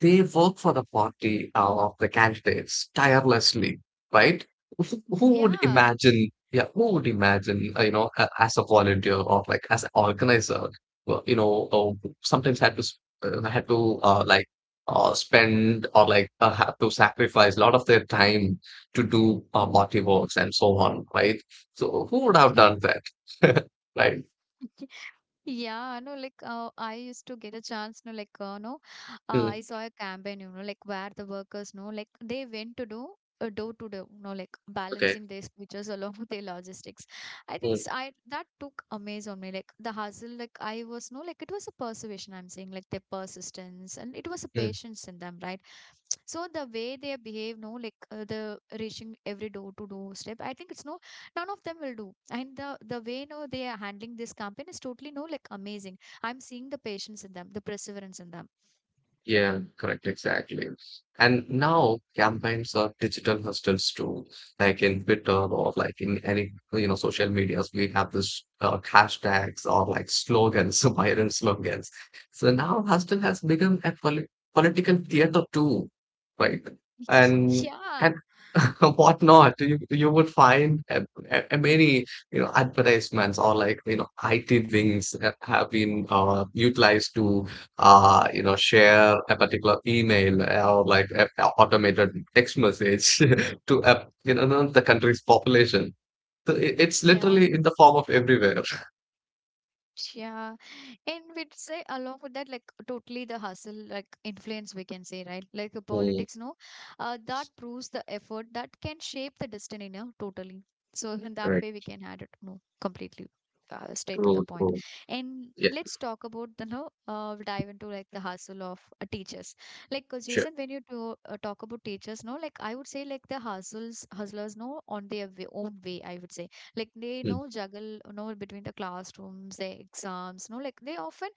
S2: they work for the party of the candidates tirelessly, right? Who
S1: (laughs)
S2: who would
S1: Yeah,
S2: imagine, yeah, who would imagine, as a volunteer or like as an organizer, well, you know, sometimes had to spend or have to sacrifice a lot of their time to do party works and so on, right? So who would have
S1: yeah.
S2: done that, (laughs) right?
S1: (laughs) Yeah, no, like I used to get a chance, no, like no,
S2: Mm,
S1: I saw a campaign, you know, like where the workers no, like they went to do door to door, no, like
S2: okay.
S1: balancing their speeches (laughs) along with their logistics. I think
S2: Mm,
S1: I that took amaze on me, like the hustle, like I was no, like it was a perseverance. I'm saying, like their persistence and it was a
S2: mm.
S1: patience in them, right? So the way they behave, no, like the reaching every door to door step, I think it's no none of them will do and the way no they are handling this campaign is totally no like amazing. I'm seeing the patience in them, the perseverance in them.
S2: Yeah, correct, exactly. And now campaigns are digital hustles too, like in Twitter or like in any, you know, social medias. We have this hashtags or like slogans, (laughs) viral slogans. So now hustle has become a political theater too, right?
S1: (laughs)
S2: And and
S1: Yeah,
S2: (laughs) whatnot, you would find a many, you know, advertisements or like, you know, IT wings have been utilized to share a particular email or like a automated text message (laughs) to a, you know the country's population. So it's
S1: yeah,
S2: literally in the form of everywhere. (laughs)
S1: yeah. And we'd say along with that, like totally the hustle, like influence we can say, right? Like the
S2: Mm,
S1: politics, no? That proves the effort that can shape the destiny, no? Totally. So (laughs) in that
S2: right.
S1: way we can add it, no, completely. Straight to
S2: True.
S1: the point.
S2: True.
S1: And
S2: Yeah.
S1: let's talk about the no dive into like the hustle of teachers like
S2: Sure.
S1: Jason when you do, talk about teachers no like I would say like the hustles hustlers no on their way, own way I would say like they
S2: Mm,
S1: know juggle you know between the classrooms the exams no like they often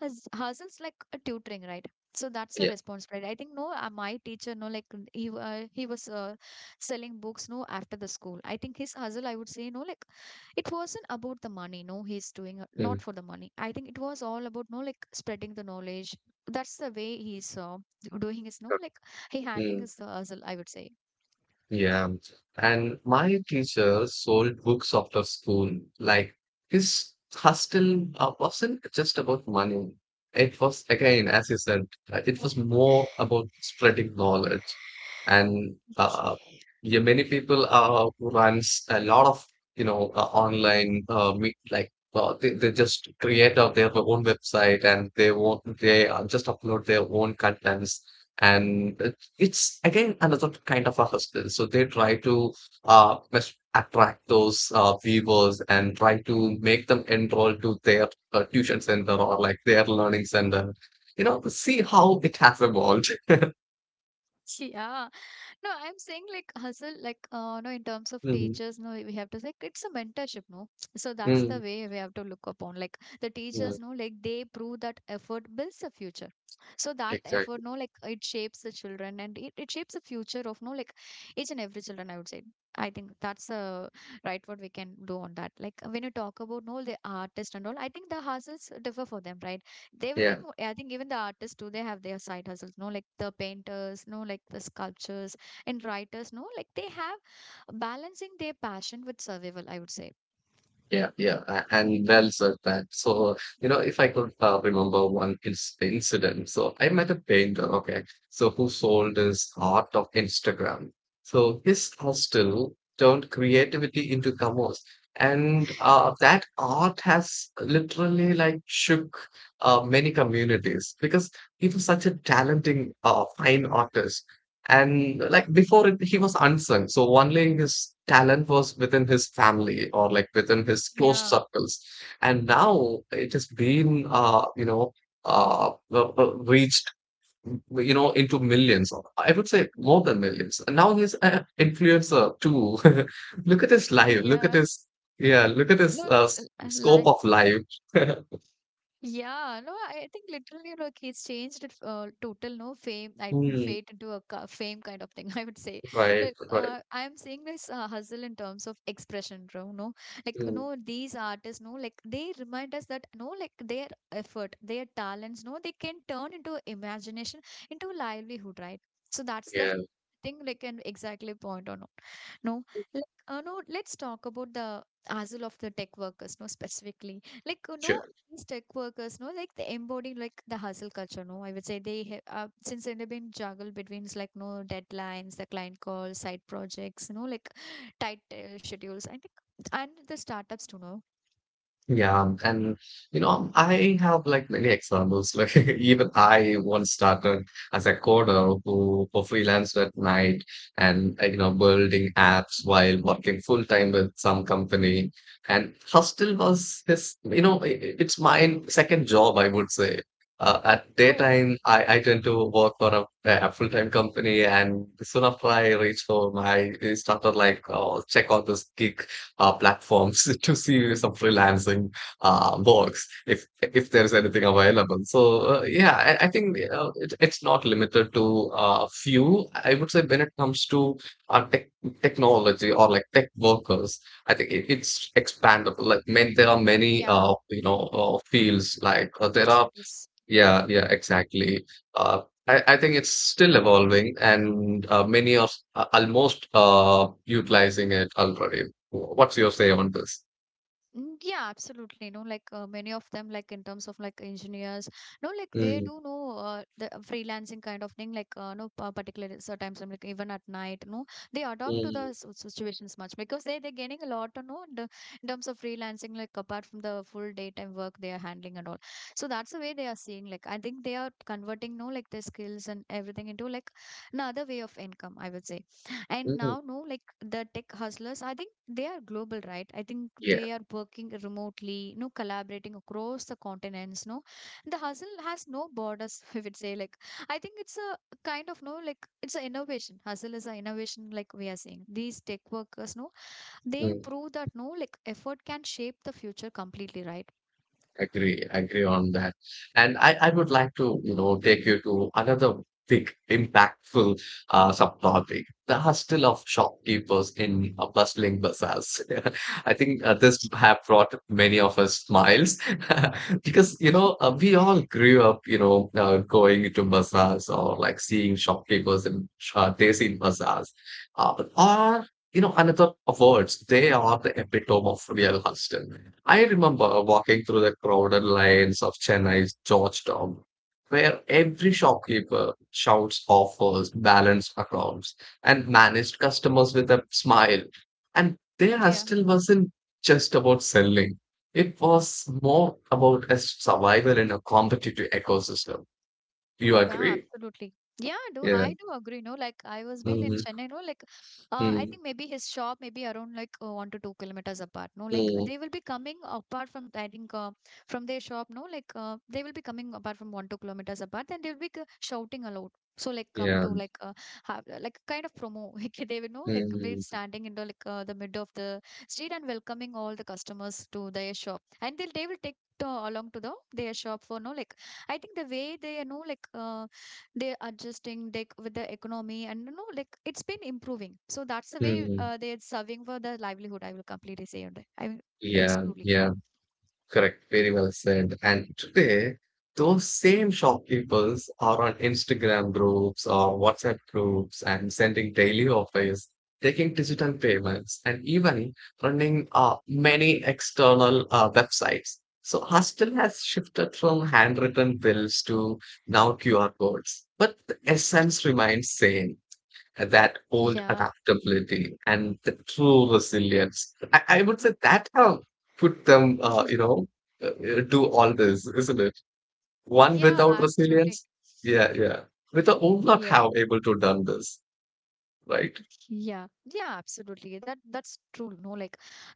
S1: has hassles like a tutoring, right? So that's the
S2: yeah.
S1: responsibility I think no my teacher no like he was selling books no after the school. I think his hustle I would say no like it wasn't about the money no he's doing not
S2: Mm,
S1: for the money. I think it was all about no like spreading the knowledge. That's the way he's doing his no
S2: okay.
S1: like he handling
S2: Mm.
S1: his hustle I would say.
S2: Yeah. And my teacher sold books after school. Like, his hustle wasn't just about money. It was, again, as you said, it was more about spreading knowledge. And yeah, many people runs a lot of, online meet, like they just create out their own website, and they won't they just upload their own contents. And it's again another kind of a hustle. So they try to attract those viewers and try to make them enroll to their tuition center or like their learning center. You know, see how it has evolved.
S1: (laughs) Yeah. No, I'm saying like hustle, like no, in terms of
S2: Mhm.
S1: teachers, no, we have to say it's a mentorship, no. So that's
S2: Mm,
S1: the way we have to look upon. Like the
S2: yeah,
S1: teachers, no, like they prove that effort builds the future. So that
S2: exactly.
S1: effort, no, like it shapes the children and it shapes the future of no, like each and every children. I would say. I think that's right what we can do on that. Like when you talk about no, the artist and all, I think the hustles differ for them, right? They
S2: Yeah.
S1: everything. I think even the artists too, they have their side hustles. No, like the painters, no, like the sculptures and writers no, like they have balancing their passion with survival, I would say.
S2: Yeah, yeah, and well said that. So, you know, if I could remember one incident, so I met a painter, okay, so who sold his art of Instagram. So his hustle turned creativity into commerce, and that art has literally like shook many communities because he was such a talented fine artist. And like before it, he was unsung. So only his talent was within his family or like within his close
S1: Yeah,
S2: circles. And now it has been, reached, you know, into millions, or I would say more than millions. And now he's an influencer too. (laughs) Look at his
S1: (laughs)
S2: life. Look at
S1: yeah,
S2: yeah, look at his
S1: no,
S2: scope
S1: li-
S2: of life. (laughs)
S1: yeah, no, I think literally like he's changed it, total no fame, I think
S2: Mm,
S1: fate into a fame kind of thing. (laughs) I would say,
S2: right,
S1: like,
S2: right.
S1: I'm seeing this hustle in terms of expression, you no, like,
S2: Mm,
S1: no, these artists, no, like they remind us that, no, like their effort, their talents, no, they can turn into imagination, into livelihood, right? So that's the
S2: yeah,
S1: (laughs) thing, like, an exactly point or not. No, like, no, let's talk about the hassle of the tech workers, no, specifically. Like, you
S2: sure.
S1: know, these tech workers no like they embody like the hustle culture no I would say they have since they've been juggled between like no deadlines, the client calls, side projects, you know, like tight schedules I think and the startups to know.
S2: Yeah, and you know, I have like many examples. (laughs) Like even I once started as a coder who freelanced at night and you know building apps while working full time with some company. And hostel was his, you know, it's my second job, I would say. At
S1: Oh
S2: daytime, I tend to work for a full-time company, and soon after I reach home, I started like, oh, check out this gig platforms (laughs) to see some freelancing works if there is anything available. So yeah, I think it's not limited to few. I would say when it comes to uh, tech, technology or like tech workers, I think it's expandable. Like, man, there are many
S1: yeah,
S2: fields there are
S1: opportunities.
S2: yeah, yeah, exactly. I think it's still evolving, and many are almost utilizing it already. What's your say on this?
S1: Mm, yeah, absolutely. You know, like many of them, like in terms of like engineers, no, like they
S2: Mm,
S1: do know the freelancing kind of thing. Like, no, particular times, like even at night, no, they adapt to the
S2: mm,
S1: situations much because they're getting a lot, you know, in terms of freelancing, like apart from the full daytime work they are handling and all. So that's the way they are seeing. Like, I think they are converting, no, like their skills and everything into like another way of income, I would say. And
S2: mm,
S1: now, no, like the tech hustlers, I think they are global, right? I think
S2: yeah.
S1: they are working remotely, no, collaborating across the continents, no. The hustle has no borders, (laughs) I would say. Like, I think it's a kind of, no, like, it's an innovation. Hustle is an innovation, like we are saying. These tech workers, no, they
S2: Mm.
S1: prove that, no, like, effort can shape the future completely, right?
S2: Agree, agree on that. And I would like to, you know, take you to another big impactful subtopic, the hustle of shopkeepers in bustling bazaars. (laughs) I think this have brought many of us smiles (laughs) because, you know, we all grew up, you know, going to bazaars or like seeing shopkeepers in desi bazaars. But all, you know, another awards, they are the epitome of real hustle. I remember walking through the crowded lanes of Chennai's Georgetown, where every shopkeeper shouts offers, balanced accounts, and managed customers with a smile. And their hustle wasn't just about selling, it was more about a survival in a competitive ecosystem. You
S1: Yeah,
S2: agree?
S1: absolutely. Yeah, do
S2: Yeah.
S1: I do agree? No, like I was been in
S2: Mm,
S1: Chennai, no, like I
S2: mm,
S1: think maybe his shop maybe around like 1 to 2 kilometers apart. No, like
S2: mm,
S1: they will be coming apart from I think from their shop. No, like they will be coming apart from 1 2 kilometers apart, and they will be shouting aloud. So like come
S2: yeah.
S1: to like have, like kind of promo. (laughs) Like they will know like be
S2: Mm,
S1: standing in the like the middle of the street and welcoming all the customers to their shop, and they will take. To, along to the their shop for no like I think the way they, you know, like they're adjusting like with the economy, and you know like it's been improving, so that's the way
S2: mm.
S1: they're serving for their livelihood, I will completely say on that. I mean, it's
S2: Yeah,
S1: truly
S2: yeah, correct. Very well said. And today, those same shopkeepers are on Instagram groups or WhatsApp groups and sending daily offers, taking digital payments, and even running many external websites. So Hostel has shifted from handwritten bills to now QR codes, but the essence remains same, that old
S1: yeah,
S2: adaptability and the true resilience. I would say that have put them,
S1: (laughs)
S2: do all this, isn't it? One without
S1: yeah, absolutely,
S2: resilience, yeah, yeah, without would not
S1: yeah.
S2: have able to done this, right?
S1: Yeah, yeah, absolutely. That's true. No, like,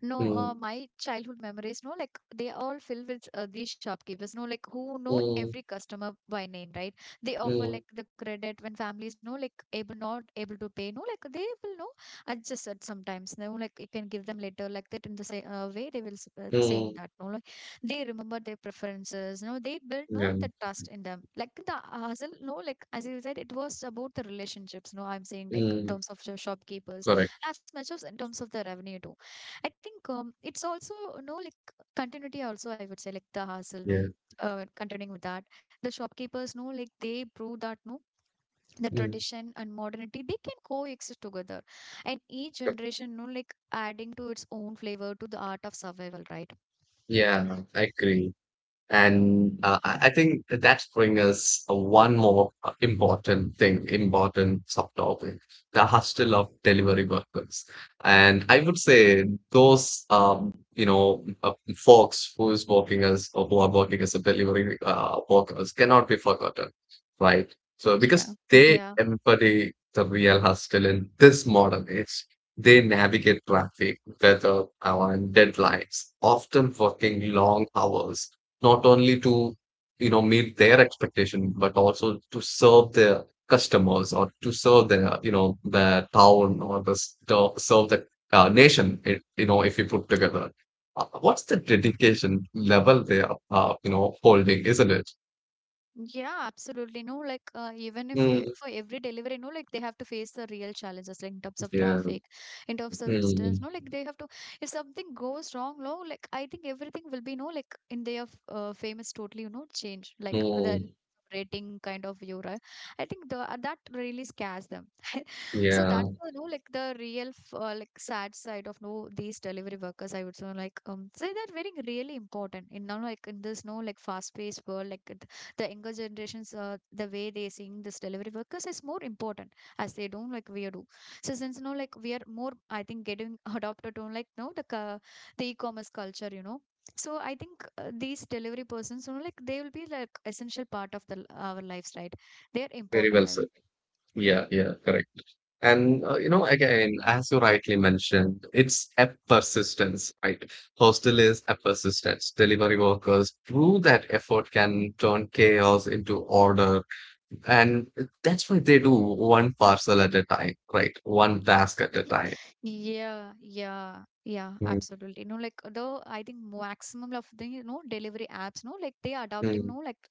S1: no,
S2: Mm,
S1: my childhood memories. No, like they all filled with these shopkeepers. No, like who know
S2: mm,
S1: every customer by name, right? They offer
S2: mm,
S1: like the credit when families no like able not able to pay. No, like they will know adjust it sometimes. No, like you can give them later like that in the same way they will saying
S2: mm,
S1: that. No, like they remember their preferences. No, they build no
S2: yeah,
S1: the trust in them. Like the hustle. No, like as you said, it was about the relationships. No, I'm saying like
S2: mm,
S1: terms of the shopkeepers
S2: correct.
S1: as much as in terms of the revenue too. I think it's also you know like continuity also, I would say, like the hustle no.
S2: Yeah.
S1: Continuing with that, the shopkeepers know like they prove that no, the
S2: Mm.
S1: tradition and modernity they can coexist together, and each
S2: co-
S1: generation you know like adding to its own flavor to the art of survival, right?
S2: Yeah, I agree. And I think that's bring us one more important thing, important subtopic, the hustle of delivery workers. And I would say those, you know, folks who are working as a delivery workers cannot be forgotten, right? So
S1: Yeah.
S2: because they
S1: Yeah.
S2: embody the real hustle in this modern age. They navigate traffic, weather, and deadlines, often working long hours not only to, you know, meet their expectation, but also to serve their customers or to serve their, you know, their town or serve the nation. It, you know, if we put together, what's the dedication level they are, you know, holding, isn't it?
S1: Yeah, absolutely. No, like even if
S2: Mm,
S1: for every delivery, no, like they have to face the real challenges, like in terms of
S2: yeah,
S1: traffic, in terms of the distance.
S2: mm,
S1: No, like they have to. If something goes wrong, no, like I think everything will be no, like in their famous totally, you know, change like the
S2: mm,
S1: rating kind of euro. I think the that really scares them. (laughs) so
S2: yeah,
S1: that's the no, like the real like sad side of no these delivery workers. I would say like say that very really important in now like in this no like fast paced world like the younger generations the way they seeing this delivery workers is more important as they don't like we do. So since you know like we are more I think getting (laughs) adopted on like no the the e-commerce culture, you know. So I think these delivery persons, you know, like they will be like essential part of the our lives, right? They are
S2: very
S1: important,
S2: well
S1: I
S2: said,
S1: would.
S2: yeah, yeah, correct. And you know, again, as you rightly mentioned, it's a persistence, right? Hostel is a persistence. Delivery workers through that effort can turn chaos into order. And that's why they do one parcel at a time, right? One task at a time.
S1: Yeah, yeah, yeah,
S2: Mm,
S1: absolutely. No, like the I think maximum of the you know delivery apps, no, like they are adopting
S2: mm,
S1: no like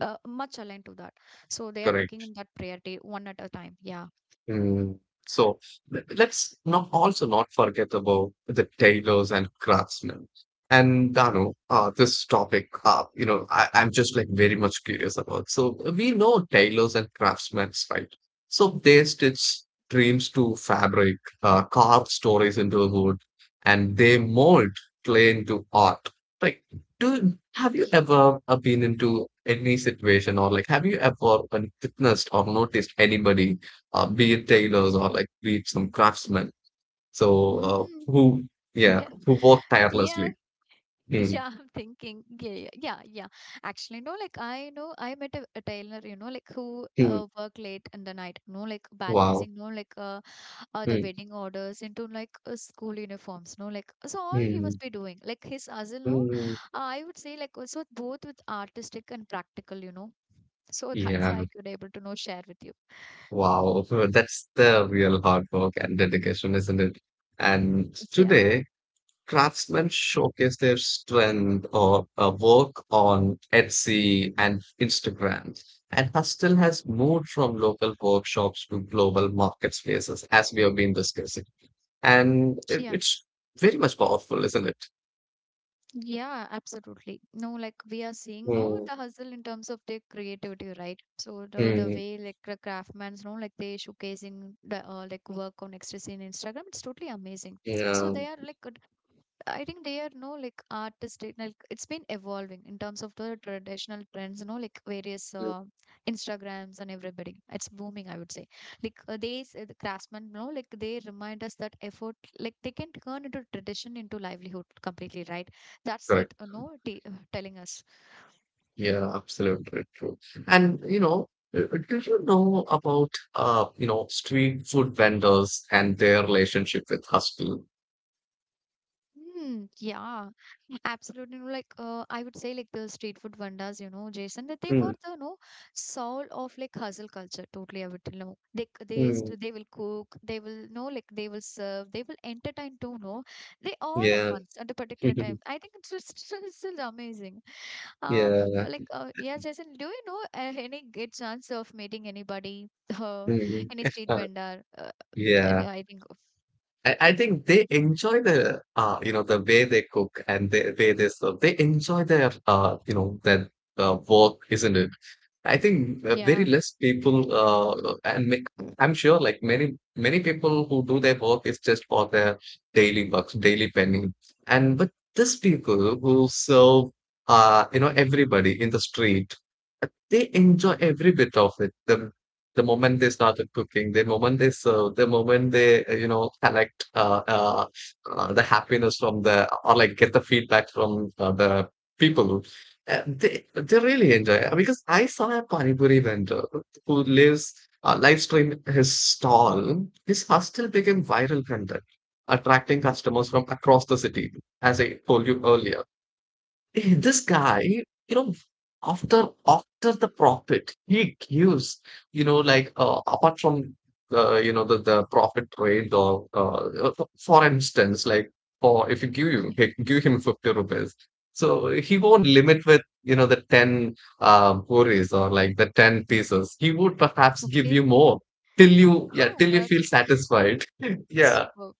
S1: much aligned to that. So they are taking
S2: correct.
S1: in that priority one at a time. Yeah.
S2: Mm. So, let's not also not forget about the tailors and craftsmen. And Dano, this topic, I'm just like very much curious about. So we know tailors and craftsmen, right? So they stitch dreams to fabric, carve stories into wood, and they mold clay into art. Like, do have you
S1: Ye-
S2: ever been into any situation, or like, have you ever witnessed or noticed anybody, be it tailors or like be it some
S1: mm,
S2: craftsmen. So
S1: mm,
S2: yeah,
S1: yeah.
S2: who work
S1: Yeah.
S2: tirelessly.
S1: (laughs)
S2: Mm,
S1: Yeah. I'm thinking. Yeah. Yeah. Yeah. Yeah. Actually, no, like I know I met a tailor, you know, like who
S2: mm,
S1: work late in the night, no, like
S2: wow.
S1: balancing, no, like the
S2: Mm,
S1: wedding orders into like school uniforms no like. So all he
S2: mm,
S1: must be doing like his hustle no
S2: mm,
S1: I would say like also both with artistic and practical, you know. So that's
S2: yeah,
S1: I could able to know share with you.
S2: wow. (laughs) That's the real hard work and dedication, isn't it? And
S1: Yeah,
S2: today, craftsmen showcase their strength or work on Etsy and Instagram. And Hustle has moved from local workshops to global market spaces, as we have been discussing. And
S1: yeah,
S2: it's very much powerful, isn't it?
S1: yeah, absolutely. No like we are seeing no
S2: Mm,
S1: the hustle in terms of their creativity, right? So the
S2: mm,
S1: way like the craftsman's no like they showcasing the like work on extra scene Instagram, it's totally amazing. So
S2: yeah,
S1: they are like I think they are no like artistic. Like it's been evolving in terms of the traditional trends, you know, like various
S2: yeah,
S1: Instagrams and everybody. It's booming, I would say. Like they, the craftsmen, you know, like they remind us that effort, like they can turn into tradition into livelihood completely, right? That's it, you
S2: correct.
S1: know, telling us.
S2: Yeah, absolutely true. And you know, did you know about you know, street food vendors and their relationship with hustle?
S1: Hmm, yeah. Absolutely, no, like I would say, like the street food vendors, you know, Jason, that they were
S2: Mm,
S1: the no soul of like hustle culture. Totally, I would tell no.
S2: mm,
S1: They will cook, they will know, like they will serve, they will entertain too. No, they all at
S2: yeah,
S1: once at a particular time.
S2: (laughs)
S1: I think it's just (laughs) still, still amazing.
S2: yeah,
S1: Like yeah, Jason, do you know any good chance of meeting anybody, (laughs) uh,
S2: mm,
S1: any street
S2: uh, (laughs)
S1: vendor? And
S2: yeah.
S1: I think of-
S2: I think they enjoy the you know, the way they cook and the way they serve. They enjoy their, their work, isn't it? I think very
S1: yeah.
S2: less people, I'm sure like many, many people who do their work is just for their daily bucks, daily penny. And but these people who serve, you know, everybody in the street, they enjoy every bit of it. The moment they started cooking, the moment they serve, the moment they, collect the happiness from the, or like get the feedback from the people, they really enjoy it because I saw a panipuri vendor who lives live streamed his stall. His hostel became viral content, attracting customers from across the city, as I told you earlier. (laughs) Eh, this guy, you know, after the profit, he gives, you know, like, apart from the, you know, the profit trade, for instance, like for if you give
S1: (laughs)
S2: you
S1: Yeah.
S2: he- give him 50 rupees, so he won't limit with, you know, the 10 puris or like the 10 pieces. He would perhaps give you
S1: Okay.
S2: more till you yeah
S1: Oh
S2: till you
S1: God,
S2: feel satisfied. (laughs) Yeah,
S1: super.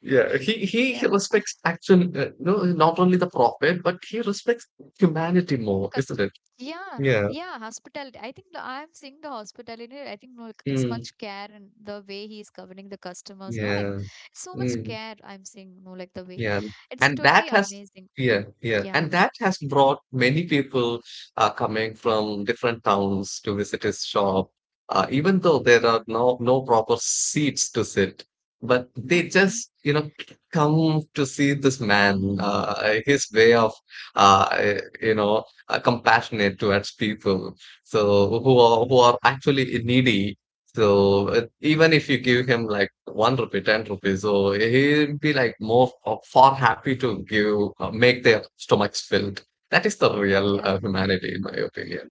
S2: yeah, he
S1: Yeah.
S2: respects actually, no, not only the prophet, but he respects humanity
S1: The
S2: more, isn't
S1: custom.
S2: it?
S1: Yeah,
S2: Yeah.
S1: yeah, hospitality. I think the- I'm seeing the hospitality. I think no, like, it's
S2: Mm.
S1: much care and the way he is governing the customers. No, like
S2: Yeah.
S1: so much
S2: Mm.
S1: care. I'm seeing no, like the way
S2: Yeah,
S1: it's
S2: and that
S1: totally
S2: has
S1: amazing.
S2: yeah, yeah, and
S1: Yeah.
S2: that has brought many people coming from different towns to visit his shop. Even though there are no proper seats to sit, but they
S1: Okay.
S2: just come to see this man. His way of uh, you know Compassionate towards people, so who are actually needy, so even if you give him like one rupee, ten rupees, so he'll be like more, far happy to give, make their stomachs filled. That is the real
S1: Yeah.
S2: humanity, in my opinion.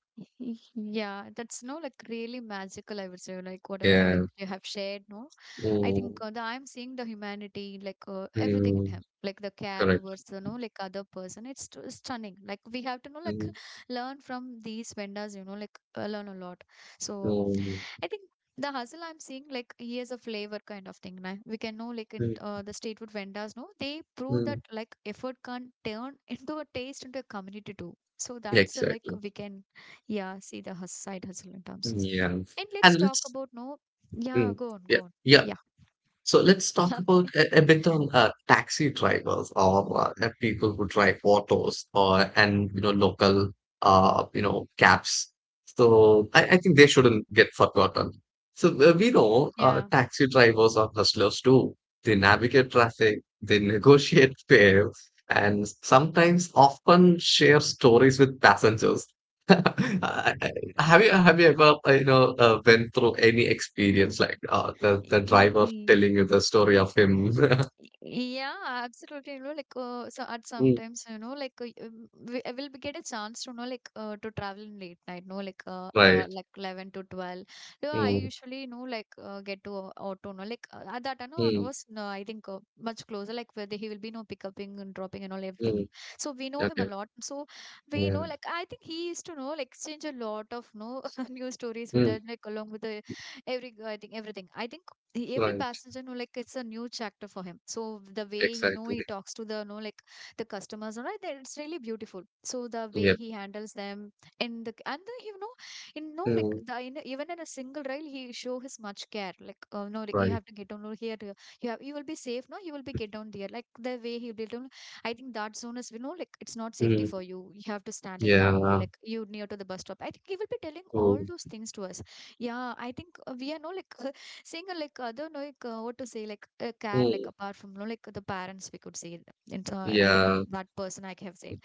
S1: Yeah, that's no like really magical, I would say. Like whatever no like
S2: Yeah.
S1: you have shared, no. I think
S2: Mm,
S1: the, I'm seeing the humanity, like everything in
S2: mm,
S1: him, like the care
S2: correct.
S1: towards the no like other person. It's stunning. Like we have to know like
S2: Mm,
S1: (laughs) learn from these vendors, you know, like learn a lot. So
S2: mm,
S1: I think the hustle I'm seeing, like he is a flavor kind of thing. Right? We can know, like in
S2: mm,
S1: the street food vendors, no, they prove that
S2: mm.
S1: like effort can turn (laughs) into a taste into a community too. So that's like
S2: Exactly.
S1: we can, yeah, see the side hustle in terms.
S2: Yeah.
S1: And let's
S2: And
S1: talk
S2: let's.
S1: about no, yeah,
S2: Mm,
S1: go on,
S2: yeah.
S1: go on,
S2: Yeah.
S1: yeah.
S2: So let's
S1: (laughs)
S2: talk about
S1: Okay.
S2: a bit on taxi drivers or people who drive autos, or and you know local you know cabs. So I think they shouldn't get forgotten. So we know
S1: Yeah.
S2: taxi drivers are hustlers too. They navigate traffic, they negotiate (laughs) fares, and sometimes often share stories with passengers. (laughs) I, have you ever went through any experience
S1: (laughs)
S2: like the
S1: E-
S2: driver
S1: e-
S2: telling you the story of him? (laughs)
S1: Yeah, absolutely. You know, like so at
S2: Mm,
S1: sometimes, you know, like we I will be get a chance to know, like to travel in late night. No,
S2: right.
S1: like 11 to 12. So I
S2: Mm,
S1: usually you know like get to auto. No, like at that time, no, it
S2: mm,
S1: was no, I think much closer. Like where the, he will be no picking and dropping and all everything.
S2: mm.
S1: So we know him a
S2: Okay.
S1: lot. So we know
S2: Yeah.
S1: like I think he used to know like exchange a lot of no (laughs) new stories with
S2: Mm,
S1: the like along with the every I think everything. I think every
S2: right.
S1: passenger know like it's a new chapter for him, so the way he know he
S2: Exactly.
S1: talks to the, you know, like the customers, all right, that it's really beautiful. So the way
S2: Yeah.
S1: he handles them and you know, in no like
S2: Mm,
S1: the in, a- even in a single rail he show his much care, like no like you
S2: right.
S1: have to get down over here, you have, you will be safe, no you will be get down there like the way he'll be down. I think that zone is, you know, like it's not safety
S2: Mm,
S1: for you, you have to stand in that way,
S2: yeah.
S1: like you near to the bus stop. I think he will be telling all
S2: Mm,
S1: those things to us. Yeah, I think we are no like (laughs) single, like I don't know like what to say, like care, like
S2: mm,
S1: apart from, you know, like the parents, we could say. And so I think
S2: yeah.
S1: that person I have said,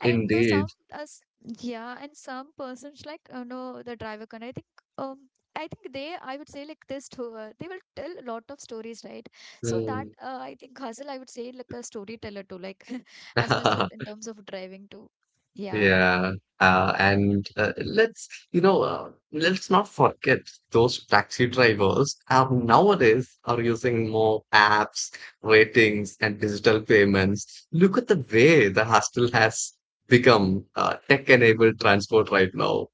S1: and you know, some
S2: Indeed.
S1: us, yeah, and some persons like, you know, the driver can. Um I think they, I would say like this to they will tell a lot of stories, right? So that
S2: Mm.
S1: I think Hazel I would say like a storyteller too, like (laughs) as much as in
S2: (laughs)
S1: terms of driving too. Yeah.
S2: Yeah, and let's let's not forget, those taxi drivers are nowadays are using more apps, ratings, and digital payments. Look at the way the hostel has become, tech-enabled transport right now.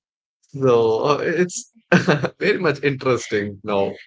S1: Ich-
S2: So it's (laughs) very much interesting now.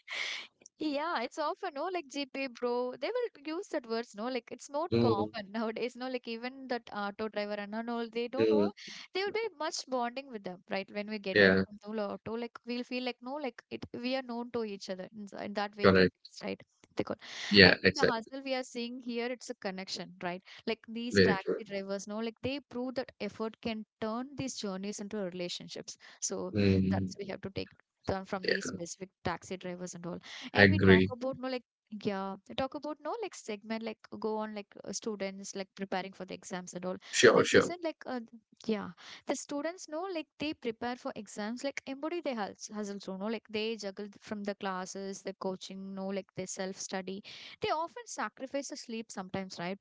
S1: Yeah, it's often, no, like GP, bro. They will use that words, no, like it's not
S2: Mm,
S1: common nowadays, no, like even that auto driver and all, they don't know.
S2: mm,
S1: They will be much bonding with them, right? When we get down
S2: yeah,
S1: from the auto, like we'll feel like, no, like it, we are known to each other. In that way, it
S2: correct.
S1: feels, right? They call. I
S2: Yeah,
S1: think the
S2: exactly.
S1: hustle we are seeing here, it's a connection, right? Like these
S2: Very true.
S1: taxi drivers, no, like they prove that effort can turn these journeys into relationships. So
S2: Mm,
S1: that's we have to take. Done from these
S2: yeah,
S1: specific taxi drivers and all.
S2: I
S1: And we talk
S2: agree.
S1: about no like yeah, we talk about no like segment like go on like students like preparing for the exams and all.
S2: Sure,
S1: And
S2: sure.
S1: Jason like yeah, the students know like they prepare for exams like embody their hustles, you know, like they juggle from the classes, the coaching, no like they self study. They often sacrifice the sleep sometimes, right?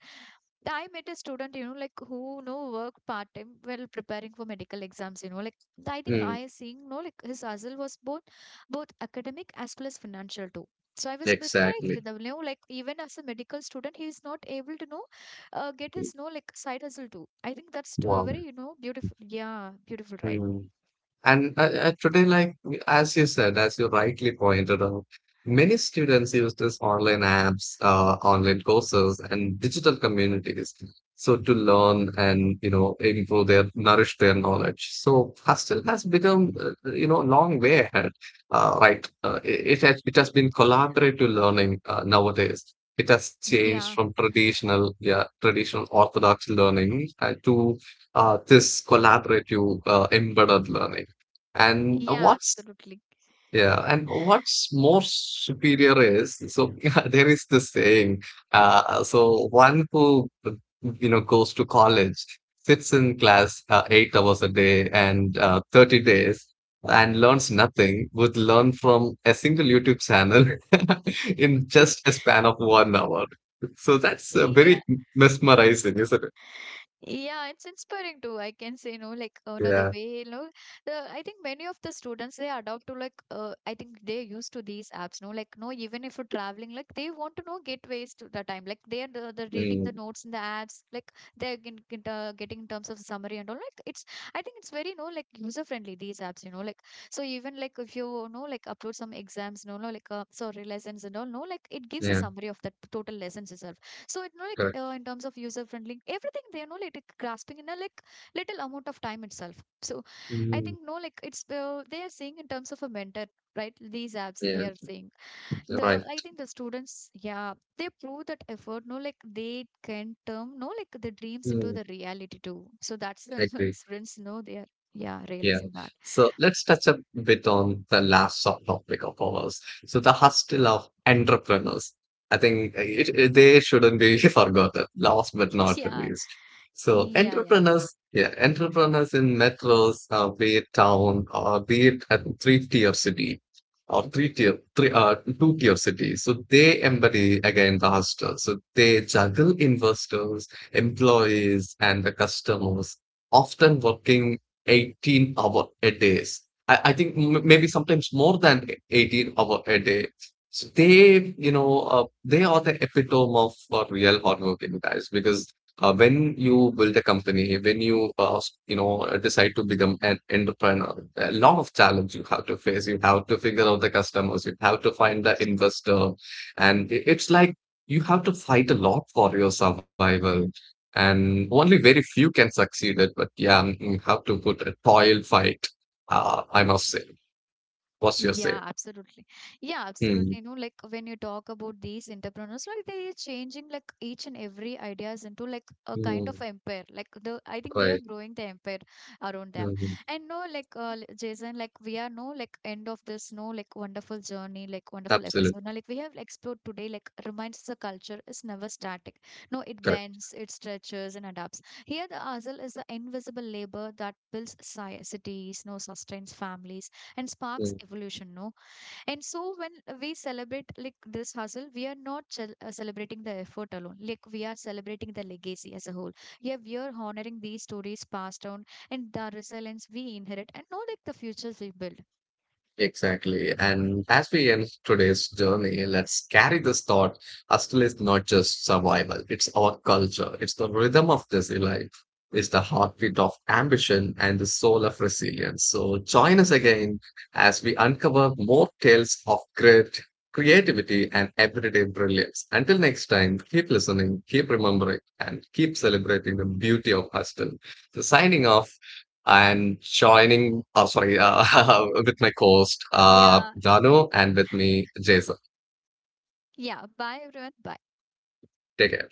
S1: I met a student, you know, like who you know worked part time while preparing for medical exams, you know, like I think
S2: Mm,
S1: I seeing, no, like his hustle was both academic as well as financial too. So I was mesmerized
S2: exactly.
S1: with them, you know, like even as a medical student, he is not able to know, get his no like side hustle too. I think that's
S2: Wow.
S1: very, you know, beautiful. Yeah, beautiful, right?
S2: Mm. And today, like as you said, as you rightly pointed out, many students use these online apps, online courses, and digital communities. So to learn and you know improve their, nourish their knowledge. So hostel has become, you know, long way ahead, right? It has been collaborative learning nowadays. It has changed
S1: Yeah,
S2: from traditional, orthodox learning, to this collaborative, embedded learning, and
S1: yeah,
S2: what's
S1: absolutely.
S2: yeah, and what's more superior is, so (laughs) yeah, there is this saying. So one who you know goes to college, sits in class 8 hours a day and 30 days and learns nothing, would learn from a single YouTube channel (laughs) in just a
S1: (laughs)
S2: span of one hour. So that's
S1: Okay, yeah.
S2: very mesmerizing, isn't it?
S1: Yeah, it's inspiring too. I can say, no, like another
S2: Yeah.
S1: way, you know, the I think many of the students they adopt to like I think they're used to these apps, no, like no, even if you're traveling, like they want to know gateways to the time, like they're the reading the
S2: Mm,
S1: notes in the apps, like they're getting in terms of summary and all. Like it's, I think it's very no, like user friendly these apps, you know, like so even like if you know like upload some exams, no, no, like sorry lessons and all, no, like it gives a
S2: yeah.
S1: summary of the total lessons itself. So it know like
S2: Correct.
S1: in terms of user friendly, everything they know like it grasping in a like little amount of time itself. So I
S2: Mm,
S1: think no like it's they are saying in terms of a mentor, right? These apps
S2: yeah.
S1: they are saying the
S2: Right.
S1: I think the students yeah they prove that effort no like they can turn no like the dreams into
S2: Mm,
S1: the reality too. So that's
S2: I
S1: the (laughs)
S2: agree.
S1: students know they are yeah
S2: Yeah.
S1: realizing that.
S2: So let's touch a bit on the last subtopic of ours: So the hustle of entrepreneurs. I think they shouldn't be (laughs) forgotten, last but
S1: (laughs)
S2: not the
S1: Yeah,
S2: least. So
S1: yeah, yeah.
S2: entrepreneurs, yeah, entrepreneurs in metros, be it town or be it a three-tier city or two-tier city. So they embody again the hustle. So they juggle investors, employees, and the customers, often working 18 hour a days. I think maybe sometimes more than 18 hour a day. So they, you know, they are the epitome of real hardworking guys, because when you build a company, when you, you know, decide to become an entrepreneur, a lot of challenge you have to face. You have to figure out the customers, you have to find the investor, and it's like you have to fight a lot for your survival, and only very few can succeed it. But yeah, mm, mm, have to put a toil fight. I must say, what's your
S1: Yeah,
S2: say?
S1: absolutely. Yeah, absolutely.
S2: Mm,
S1: You know, like when you talk about these entrepreneurs, like they are changing like each and every ideas into like a kind of
S2: mm,
S1: empire. Like the, I think they are
S2: right.
S1: growing the empire around them.
S2: Mm,
S1: And no, like Jason, like we are no like end of this no like wonderful journey, like wonderful episode.
S2: absolutely
S1: Now, like we have explored today, like reminds us the culture is never static. No, it
S2: correct.
S1: bends, it stretches, and adapts. Here, the hustle is the invisible labor that builds cities, no sustains families and sparks
S2: Hmm.
S1: evolution, no. And so when we celebrate like this hustle, we are not celebrating the effort alone, like we are celebrating the legacy as a whole. Yeah, we are honoring these stories passed down and the resilience we inherit and know like the futures we build.
S2: Exactly. And as we end today's journey, let's carry this thought. Hustle is not just survival, it's our culture. It's the rhythm of busy life. It's the heartbeat of ambition and the soul of resilience. So join us again as we uncover more tales of grit, creativity, and everyday brilliance. Until next time, keep listening, keep remembering, and keep celebrating the beauty of hustle. So signing off, I'm joining, oh, sorry, (laughs) with my co-host,
S1: Yeah,
S2: Dano, and with me, Jason.
S1: yeah, bye everyone, bye.
S2: Take care.